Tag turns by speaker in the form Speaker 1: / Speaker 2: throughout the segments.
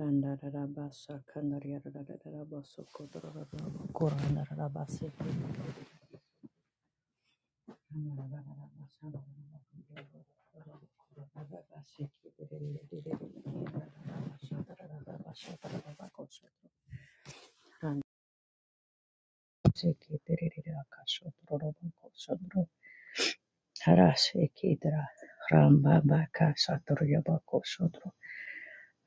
Speaker 1: Randarabasa Kandarabasa Korandarabasa Harasekidra Ramba Baka Saturyabako Sodro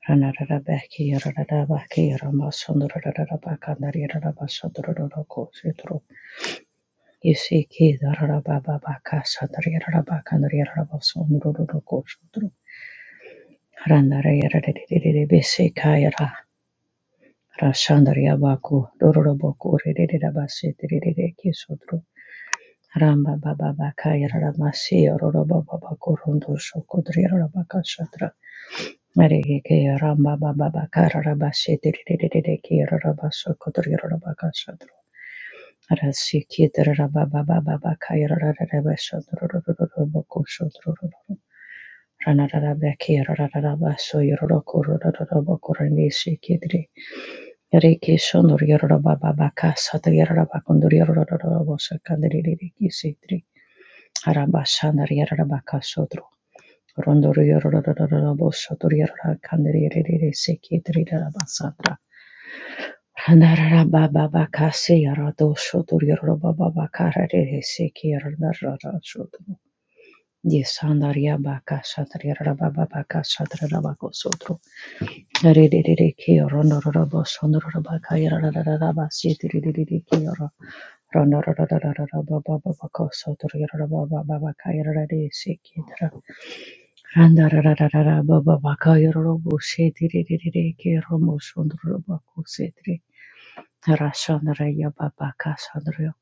Speaker 1: Ranarabaki Rarabaki Ramasundra Rabaka Nari Rabasodro Yeshiki darara baba baka shatari yarara baka ndari yarara baso ndururu roko shudru. Harandara yarara dirire bese kayara. Rashandari yabaku dororo boku ririre rabase dirire kisudru. Ramba baba baka yarara masi yororo baba baku rondo shoko dari yarara baka shatra. Marege ke ramba baba baka yarara base dirire ki yarara baso kodri yarara baka shatra. Rasikidra Baba Baba Kaira Rabashodro Ranarabaki Rarabaso Yoroko Rodobokurani Sikidri Riki Sonor Yorba Baba Kasat Yarabakundur Yorodobosa Kandri Sidri Arabasanar Yarabaka Sodro rondor Rondo Rondoro Sandra Hanarara baba baka seyara dosho duriyara baba baka rarere sekiyara narara shodro. Yesandarya baka satriyara baba baka satrara bako sodro. Rarere kiyara narara basonara baka yara narara basitiririri kiyara. Ranarara baba baka satriyara baba baka yara rarere sekiyara. Ranarara baba baka yara robo setiririri kiyara mosondara bako setri. Rashandraya Babaka Sandrya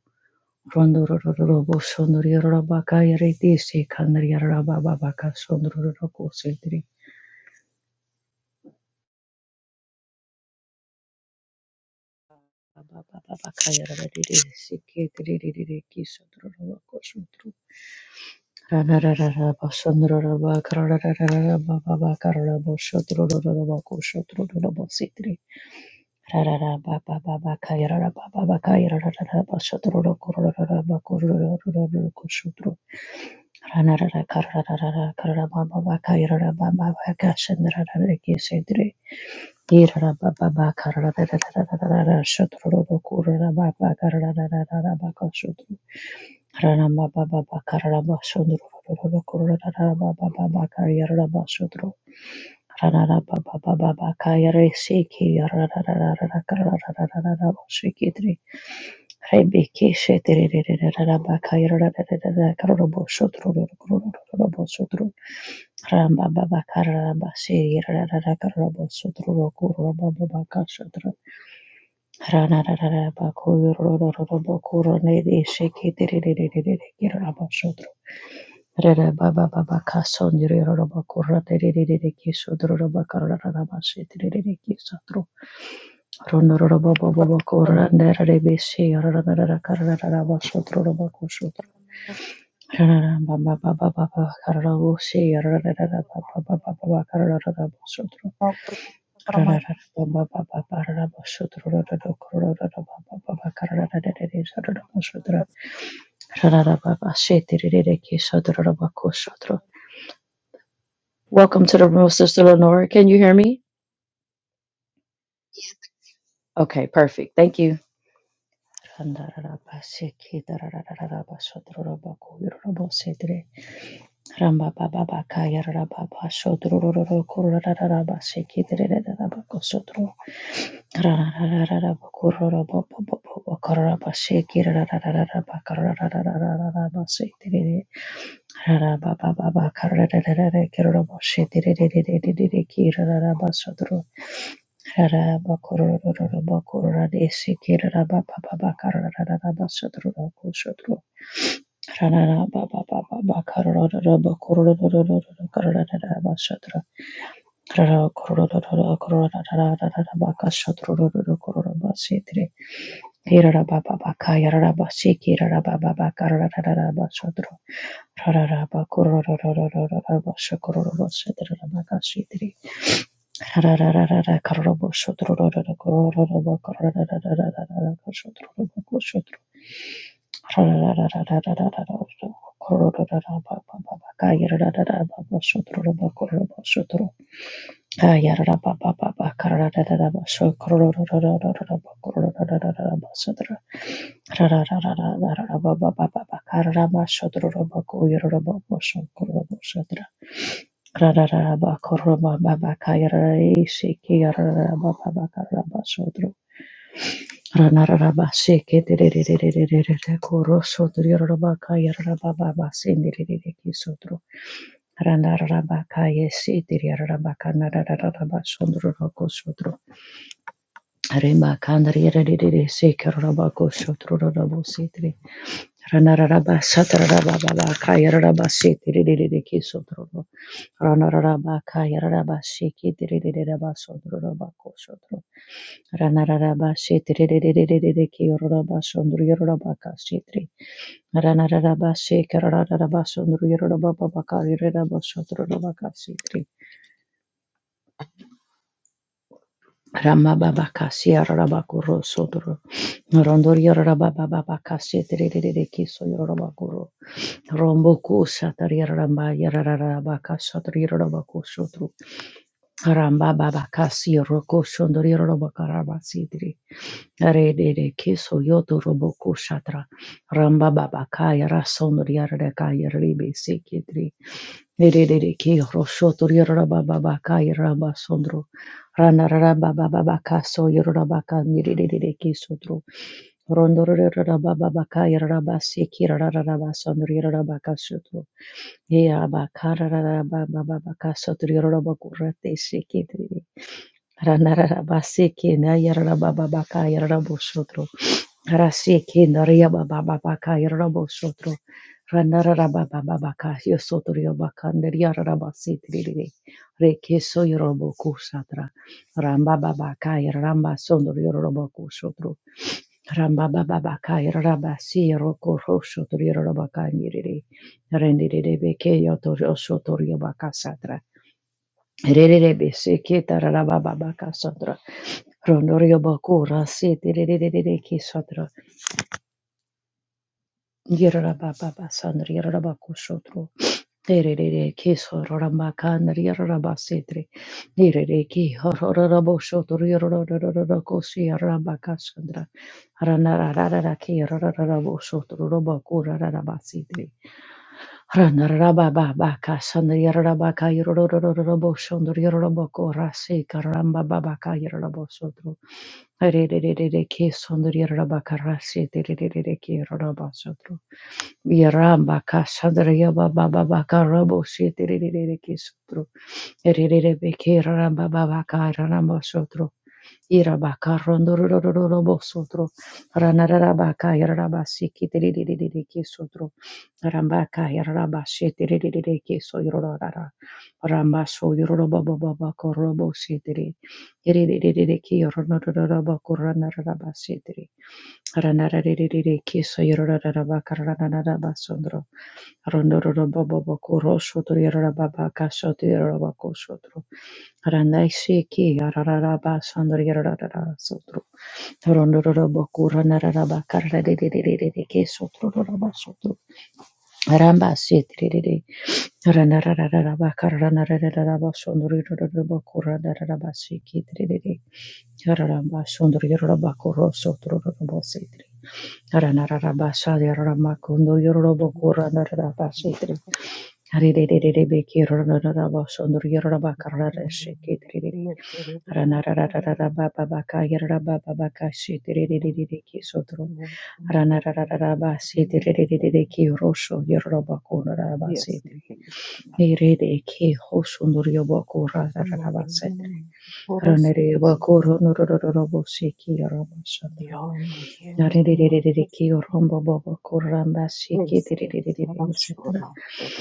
Speaker 1: Rondororobo Sundri Rabaka Yariti Sikandriya Rababaka Sundroroko Sindri Babaka Yarati Sikiri Kisandroroko Sundru Ranararaba Sundroraba Karararaba Babaka Rabo Sundroroko Sundroroko Sindri Rararaba Babaka Yarababaka Yarababa Sundroroko Rarabako Sundru Ranarara karararara kararababa kayarababa kashandarara kesedre. Irarababa karararara shotroro kurarababa karararara kashudru. Ranababa kararaba shudru kurarababa kayarababa shudru. Ranarababa kayarese kiyararara karararara shikidri. Rebeke shetrerererara bakayararara kararabo shudru kurarabo shudru. Ramba baba kararaba siri Rara kararabo sutru roku ramba baba kashatra rana Rara baku roro roro kuro nere sheke tere tere tere kirarabo sutru rara baba baba kason yuri roro baku rata tere tere ki sutru robo karara raba kararara basi tere ki sutru rono roro baba baba kuro randa rare besi rara rara kararara basutru raba sutru robo kusutru
Speaker 2: Kurma
Speaker 1: Rarara baba baba baba kararabo si Rara rara baba baba baba kararara basutru Welcome to the room, Sister Lenora. Can you hear me? Okay, perfect. Thank you. Rara, kororo kororo kororo rara rara rara baka shotro kororo basi tre Hirarabababaka, yararabashiki, rarabababaka, rarararabashadro, rararabakorororororororobashakororobashadrorabakashidri, rararararakaroroboshadro, rararararakaroroboshadrorororororobakashadrorobakashadro, rarararararararorororororobababaka, yararararabashadrorobakashadro, yararabababaka, rararararabashakororororororobakashadro, Rarararabakarabasotrorobakayarabababasindiriririkisodro. Remakandriyariririsikerorabakosotrorobositri. Ranararaba satararaba baba kayararaba setirerere kesotro. Ranararaba kayararaba seketererereba sodroroba kosotro. Ranararaba setirererere keyororaba sondro yororaba kasetri. Ranararaba sekarararaba sondro yororaba baba kayararaba sodroroba kasetri. Ramababakasi Arabakuro Sodro Rondori Rabababakasi Tiriki Soyorabakuro Romboku Satari Ramba Yararabaka Satri Rabaku Sotru Rambababakasi Roko Sondori Rabakarabasi Tri Rede Kiso Yoto Roboku Shatra Rambababakaya Rasondori Yaraka Yaribe Erereke roshoto yoraba baba ka yoraba sondro rana raba baba baba ka so yoraba ka nirereke sotro rondo raba baba ka yoraba seki rara sondro yoraba ka sotro yoraba ka raba baba baba ka sotro yoraba kurate seki tri rana raba ba seki na yoraba baba ka yoraba sotro Rasekinda riaba baba baka yarabo shotro ranara raba baba baka yosoto riaba kanderia raba sitriri reke so yorobo kusatra ramba baba ka ramba sondro yorobo kushotro ramba baba baka raba si roko roshotro yorobo kandiriri beke yoto yosoto riaba kasatra Rerere bese ketara raba baba kasatra Rondorio bakura sete rerere Yerababa Sandra Yerabakushotro. Erere Kiso Rambakan Yerabasetri. Erere Ki Horaboshotor Yerokosi Rambakasandra. Ranararaki Raraboshotor Robakura Rabasidri. Ranarababaka Sandra Yerabaka Yeroroboshotor Yerobako Rasi Karamba Babaka Yerabosotro. Re re re re re re re raba karasi re re rarabakarase raba rarabasotro. Yaramba kasadra yaba baba baka rabo setirere kesutro. Erere beke ramba baba kara ramba sotro. Iraba karondo robo sotro. Ranaraba kaya raba setirere kesutro. Ramba kaya raba setirere keso yororara. Ramba so yorobo baba baka robo setire. Erere ke yorobo korana raba Ranarererere kiso yorororaba karanaraba sondro. Rondororobobo kurosho tororaba kasho tororaba kosho tro. Randaishi ki arararaba sondro yorororaba sondro. Rondororobo kuranaraba karanarererere kiso tororaba sondro. Ramba sitirere. Ranarararaba karanararaba sondro yorororaba kuranaraba sikitirere. Raramba sondro yorororaba kurosho tororaba sitirere. Hallelujah.
Speaker 3: Yes,
Speaker 1: Nerede ki hoşundur yoboku rararaba sedre.
Speaker 3: for us
Speaker 1: Ranere
Speaker 3: it is
Speaker 1: yoboku ronururururu seki
Speaker 3: beyond my hearing or
Speaker 1: Yarererererere ki rombo bobo kuramba shiki
Speaker 3: is
Speaker 1: tirerererere etc.
Speaker 3: Rashwana that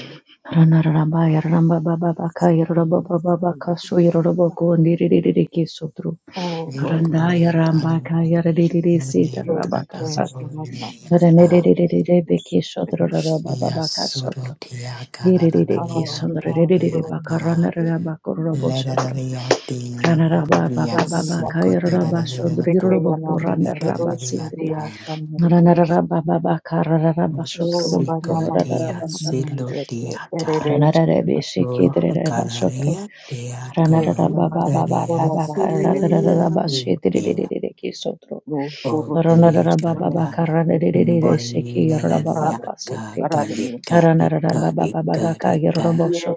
Speaker 1: Ranaramba yaramba baba baka
Speaker 3: is
Speaker 1: yaramba
Speaker 3: from
Speaker 1: baba baka so
Speaker 3: celebrating
Speaker 1: yaramba kondirererere ki sotro.
Speaker 3: all over
Speaker 1: Randa
Speaker 3: the
Speaker 1: yaramba ka yarererere si
Speaker 3: world
Speaker 1: taramba ka
Speaker 3: national
Speaker 1: satra.
Speaker 3: numbers. So,
Speaker 1: Ranarerererere beki
Speaker 3: it
Speaker 1: sotro
Speaker 3: is
Speaker 1: ramba baba ka sotro. Yererere ki
Speaker 3: Um, I
Speaker 1: sondrererere
Speaker 3: feel
Speaker 1: baka
Speaker 3: excited.
Speaker 1: ranaramba kurombo sotro. Ranaramba baba
Speaker 3: So we just
Speaker 1: baba ka yaramba
Speaker 3: want to
Speaker 1: sondro
Speaker 3: take the name
Speaker 1: yaramba
Speaker 3: of them.
Speaker 1: kuranda
Speaker 3: We're
Speaker 1: ramba
Speaker 3: those who they are
Speaker 4: Thank
Speaker 3: from the Lord to be our family also. Oh, Vanama, Sinamon, yet, Eredation, Etra, Orada, Pedagogos, and Lord, who
Speaker 4: O
Speaker 3: would preach to another
Speaker 4: dekada,
Speaker 3: city,
Speaker 4: bollelele ya
Speaker 3: Rabba, was
Speaker 4: ka,
Speaker 1: Ranarababa
Speaker 3: Paradamia.
Speaker 4: kalika dika dika dika
Speaker 3: Yes,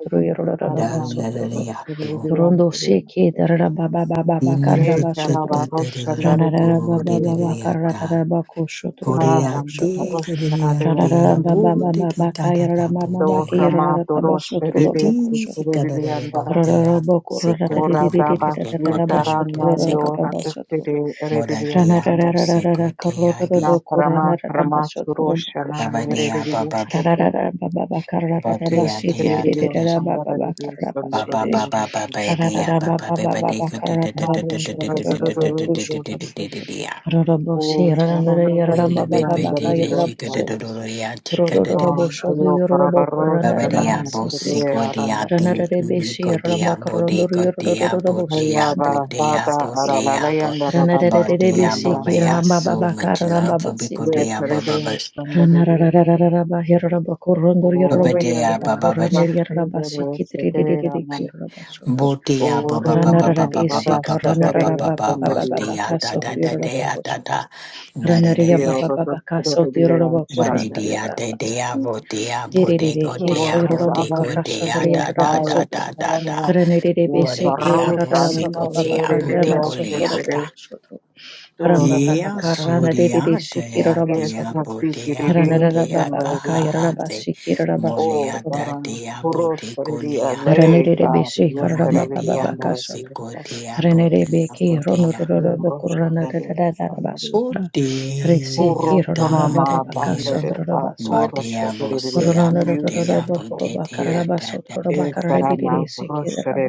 Speaker 3: I am
Speaker 4: dallelele
Speaker 3: the
Speaker 4: ya tu,
Speaker 3: Rudian,
Speaker 1: Rondo
Speaker 3: the
Speaker 1: sheke darara baba baba bakarara
Speaker 3: Yes, Rabba,
Speaker 1: bashotro.
Speaker 3: Rosh, and
Speaker 4: inandututututututu
Speaker 3: the
Speaker 1: Ranarara baba
Speaker 4: korelele
Speaker 1: baba
Speaker 4: ya
Speaker 3: Radius,
Speaker 1: karara
Speaker 4: ta,
Speaker 1: bako shotro
Speaker 4: kore ya
Speaker 1: bako
Speaker 3: Haaram,
Speaker 4: te,
Speaker 1: shotro.
Speaker 3: rosh
Speaker 4: kore ya
Speaker 3: karade,
Speaker 4: te,
Speaker 1: Ranarara
Speaker 4: abu
Speaker 1: baba
Speaker 3: roshendiliye.
Speaker 1: baba
Speaker 4: teke kada da
Speaker 1: bakayara
Speaker 4: abu
Speaker 1: mama
Speaker 3: To
Speaker 4: te,
Speaker 3: Rama,
Speaker 1: bakayara
Speaker 3: to
Speaker 1: baba shotro
Speaker 3: roshendiliye.
Speaker 1: bako
Speaker 4: iti
Speaker 1: shotro.
Speaker 4: si
Speaker 3: Sutre
Speaker 4: kada da abu
Speaker 3: diliyanda,
Speaker 4: te ya se
Speaker 1: Basotro
Speaker 4: kote ya
Speaker 3: orada
Speaker 4: se kote ya
Speaker 3: bahtiyan na
Speaker 4: se
Speaker 3: yo
Speaker 4: kote,
Speaker 3: rastere,
Speaker 4: mada te
Speaker 3: rediliya
Speaker 4: ya
Speaker 3: sanda.
Speaker 4: bu se kote ya
Speaker 3: Na Rama, Rama surosh na
Speaker 4: baba
Speaker 3: ye
Speaker 4: te ya
Speaker 3: rediliye
Speaker 4: baba.
Speaker 3: sute,
Speaker 4: But yeah,
Speaker 3: sute
Speaker 4: yeah, do
Speaker 3: rediliye
Speaker 4: this.
Speaker 3: sanga raju ye sanga
Speaker 4: Ba
Speaker 3: to
Speaker 4: ba ba
Speaker 3: to
Speaker 4: ba
Speaker 3: to
Speaker 4: ba
Speaker 3: to.
Speaker 4: baby, yeah, ba ba ba ba they could do da da
Speaker 3: Na
Speaker 4: da da
Speaker 3: raju
Speaker 4: da
Speaker 3: ye
Speaker 4: da
Speaker 3: to
Speaker 4: da da
Speaker 3: to
Speaker 4: da da
Speaker 3: to to
Speaker 4: da da
Speaker 3: to
Speaker 4: da da da
Speaker 3: to
Speaker 4: da da
Speaker 3: to.
Speaker 4: yeah.
Speaker 3: O sahona raju
Speaker 4: Little
Speaker 3: ye
Speaker 4: bit baby,
Speaker 3: hamari
Speaker 4: they she could
Speaker 3: rosh.
Speaker 4: do do do do yeah, she could do do do.
Speaker 3: One
Speaker 1: Rorororoboshodo
Speaker 3: ayo parabarros
Speaker 4: Ba
Speaker 1: yororobokorana
Speaker 4: ba de
Speaker 3: kana
Speaker 4: yeah, bo
Speaker 1: rarabasitri.
Speaker 4: si
Speaker 3: sebe
Speaker 4: go de yeah,
Speaker 3: aranda beli.
Speaker 4: ding be
Speaker 1: Ranararebeshi
Speaker 4: go de yeah, bo de go
Speaker 1: Rambakarondori
Speaker 4: de yeah, bo de
Speaker 1: Rodorobosha
Speaker 3: Haya
Speaker 4: yeah, bo
Speaker 1: Kandari
Speaker 4: de yeah,
Speaker 3: barabada
Speaker 4: bo
Speaker 1: Ramasitri.
Speaker 4: de yeah, bo.
Speaker 3: aralayan
Speaker 4: Ba
Speaker 3: darabasto
Speaker 4: de yeah,
Speaker 1: Ranararebeshi
Speaker 4: bo ba
Speaker 3: traviasa.
Speaker 4: yeah,
Speaker 1: Kiramba
Speaker 4: so
Speaker 1: Babakar
Speaker 4: much love for
Speaker 1: Rambaba
Speaker 4: be go
Speaker 3: De
Speaker 4: de
Speaker 1: Sitri.
Speaker 4: yeah, ba ba ba.
Speaker 3: teredios anda belios.
Speaker 1: Ranararararaba Hirabakorondori
Speaker 4: Ba ba de
Speaker 3: Oye
Speaker 4: yeah,
Speaker 3: la
Speaker 4: ba ba ba.
Speaker 1: Robobakoraneri
Speaker 3: rastu dore
Speaker 1: Rabashi Kitri
Speaker 3: sete rana.
Speaker 1: Rabashodro.
Speaker 4: Botea ba ba ba ba
Speaker 3: Orunda la
Speaker 4: ba ba ba ba
Speaker 1: Ranarareshi
Speaker 4: ba
Speaker 3: barasta
Speaker 4: ba ba ba ba
Speaker 3: terios
Speaker 1: Karanarababa
Speaker 4: ba
Speaker 3: anda belios
Speaker 4: botea
Speaker 1: Bababaka
Speaker 4: da da
Speaker 1: Sodri
Speaker 4: da da
Speaker 3: traviasa.
Speaker 4: da da
Speaker 1: Rabakoshodro.
Speaker 4: da da da
Speaker 1: Ranaria
Speaker 4: da
Speaker 3: Yo
Speaker 1: Baba
Speaker 3: rotos
Speaker 1: Babaka Sodri
Speaker 3: traviasa
Speaker 4: ba de
Speaker 3: anda
Speaker 1: Rabakuratari
Speaker 4: dea de
Speaker 3: belios.
Speaker 4: dea
Speaker 1: Rabasitri.
Speaker 4: botea
Speaker 1: Dererere
Speaker 4: bodego
Speaker 1: ke
Speaker 4: dea
Speaker 1: soiroro
Speaker 3: Orata
Speaker 4: bodego
Speaker 1: bakara
Speaker 3: barasta
Speaker 4: dea
Speaker 1: sandere
Speaker 4: da
Speaker 1: yarara
Speaker 4: da
Speaker 3: haya
Speaker 4: da
Speaker 1: basotro.
Speaker 4: da da
Speaker 3: barana
Speaker 4: da
Speaker 1: Renerere
Speaker 3: Oh,
Speaker 4: ba de
Speaker 1: bese ke
Speaker 4: dea
Speaker 1: rarara baba
Speaker 4: bosigo
Speaker 3: camino
Speaker 1: baba
Speaker 4: dea
Speaker 3: de
Speaker 1: karara
Speaker 4: bodego
Speaker 3: este
Speaker 1: basotro robo
Speaker 3: perector,
Speaker 4: leata
Speaker 1: kosotro. Ramba baba
Speaker 4: yeah
Speaker 1: karana derere
Speaker 4: soria
Speaker 1: sikira
Speaker 4: dea
Speaker 1: roba
Speaker 3: que es
Speaker 4: dea
Speaker 1: sotro.
Speaker 3: más
Speaker 4: botea
Speaker 3: piquirirín,
Speaker 1: Ranarara
Speaker 4: botea
Speaker 1: baba baka yarara
Speaker 3: chandaduce.
Speaker 4: kaha se
Speaker 1: basikira roba
Speaker 3: O
Speaker 1: sotro
Speaker 4: molea
Speaker 1: robo
Speaker 4: da
Speaker 3: sarana,
Speaker 4: dea
Speaker 1: kosotro.
Speaker 3: puros pariría
Speaker 4: bodego
Speaker 3: ley,
Speaker 1: Renerere
Speaker 3: cari,
Speaker 1: bese
Speaker 3: yes,
Speaker 1: karara
Speaker 4: Mora
Speaker 1: baba
Speaker 3: serebiría
Speaker 1: baba
Speaker 3: andar
Speaker 4: diabo
Speaker 3: de
Speaker 1: kasotro.
Speaker 4: seco
Speaker 3: esta,
Speaker 4: diabo
Speaker 1: Renere
Speaker 3: este
Speaker 4: diabo
Speaker 1: beke
Speaker 4: dia.
Speaker 1: ronororo
Speaker 3: cambio, rocha
Speaker 1: bokurana
Speaker 3: de esta,
Speaker 1: rarara
Speaker 3: andar
Speaker 4: O
Speaker 1: basotra. Rese
Speaker 3: puros
Speaker 1: ke ramba
Speaker 4: da da
Speaker 1: baba
Speaker 3: sonoma,
Speaker 1: baka
Speaker 3: bambe
Speaker 4: dia.
Speaker 3: de
Speaker 1: sandro
Speaker 3: paz,
Speaker 1: roba
Speaker 4: Ba
Speaker 3: rocha de
Speaker 4: diabo
Speaker 1: Rana
Speaker 4: siabo
Speaker 1: baba
Speaker 4: diabo
Speaker 3: Holy
Speaker 1: karana
Speaker 3: Spirit,
Speaker 1: baba
Speaker 4: da da
Speaker 1: sotro rana
Speaker 4: da
Speaker 3: es
Speaker 4: da.
Speaker 1: korobo sotro
Speaker 3: sarana, rocha de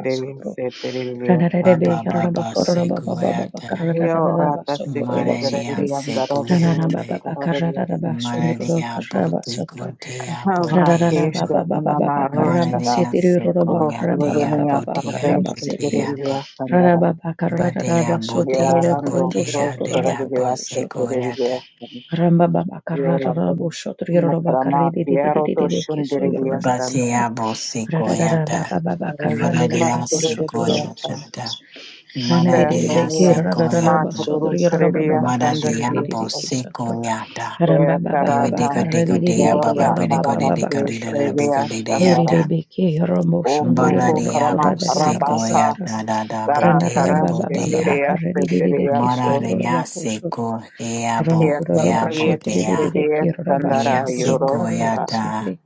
Speaker 4: Baba,
Speaker 3: rebelde,
Speaker 4: baba, ba ba ba seco yata.
Speaker 3: Yo rata seke
Speaker 4: Mora dia
Speaker 3: sherelianda
Speaker 4: seco
Speaker 3: rodo
Speaker 4: yata.
Speaker 3: sakareliasa.
Speaker 4: Mora diabo seco diabo diabo.
Speaker 3: Havrakesha unama
Speaker 4: Mora
Speaker 3: roshada.
Speaker 4: dia seco yata
Speaker 1: baba
Speaker 3: Rostorenia
Speaker 4: bo diabo
Speaker 3: parveshta
Speaker 4: diabo.
Speaker 3: kereliasa ndara.
Speaker 4: Ba diabo diabo
Speaker 3: Yarando
Speaker 4: dia
Speaker 1: baba
Speaker 4: diabo
Speaker 3: rostoreliasa
Speaker 1: sotro
Speaker 4: seco yata.
Speaker 3: kereliasa.
Speaker 1: Ramba baba karara
Speaker 3: Yarando.
Speaker 1: boshotr yoroba karri
Speaker 3: Makrama
Speaker 1: de de de de
Speaker 3: piero
Speaker 1: de
Speaker 3: to
Speaker 1: de de keso yoroba
Speaker 3: shundereliasa.
Speaker 1: satra
Speaker 4: Batiabo
Speaker 1: rarara
Speaker 4: sequoiata,
Speaker 1: baba baba
Speaker 3: Araya
Speaker 1: karane de
Speaker 4: Maradia
Speaker 1: raba shotro raba
Speaker 3: rostoreliasa.
Speaker 1: sotro
Speaker 4: sequoiata,
Speaker 1: rane de de
Speaker 4: Maradia
Speaker 1: be ke
Speaker 3: Tehania.
Speaker 1: rarara raba
Speaker 4: sequoiata,
Speaker 1: sotro
Speaker 3: Maturu
Speaker 1: yoroba baba kashe de de
Speaker 4: Maradiabo
Speaker 1: de
Speaker 3: kereliasa
Speaker 1: ke sotro
Speaker 4: sequoiata,
Speaker 3: Gloria
Speaker 1: ramba baba baba
Speaker 3: Sarana,
Speaker 4: Bibidico
Speaker 1: karre
Speaker 4: dico
Speaker 1: de de de
Speaker 4: dea,
Speaker 1: de ke
Speaker 4: Baba
Speaker 3: Gloria
Speaker 1: yoroba
Speaker 4: bidico
Speaker 1: baba
Speaker 4: de
Speaker 1: baba
Speaker 4: dico
Speaker 3: Sarabasti,
Speaker 4: de da
Speaker 1: kashotro
Speaker 4: bico
Speaker 3: Previa
Speaker 4: de
Speaker 1: eri
Speaker 3: Shandara,
Speaker 1: de
Speaker 4: deata,
Speaker 1: be ke yoroba shondro
Speaker 3: Okufu
Speaker 1: yoroba korra
Speaker 3: Karama
Speaker 4: Baradiabo
Speaker 1: de raba
Speaker 3: Rabaka,
Speaker 4: sequoiata, da da
Speaker 3: Dara
Speaker 1: Ranarara
Speaker 4: botea
Speaker 3: Karash,
Speaker 1: baba baba
Speaker 4: botea,
Speaker 1: baka
Speaker 3: Miria,
Speaker 1: ririri
Speaker 3: Senderia,
Speaker 1: kiso
Speaker 3: So,
Speaker 1: diroro
Speaker 4: Maradia
Speaker 1: bako shod.
Speaker 3: Here
Speaker 4: sequoiabo,
Speaker 1: Ronororo
Speaker 4: yabo
Speaker 3: Tabariet,
Speaker 1: boshete
Speaker 4: dea,
Speaker 1: ririri
Speaker 3: Kedia,
Speaker 1: kiroro baso
Speaker 4: Nia
Speaker 3: Sandara,
Speaker 1: diroro baka roro
Speaker 3: Yorosara,
Speaker 4: sequoiata,
Speaker 1: basete.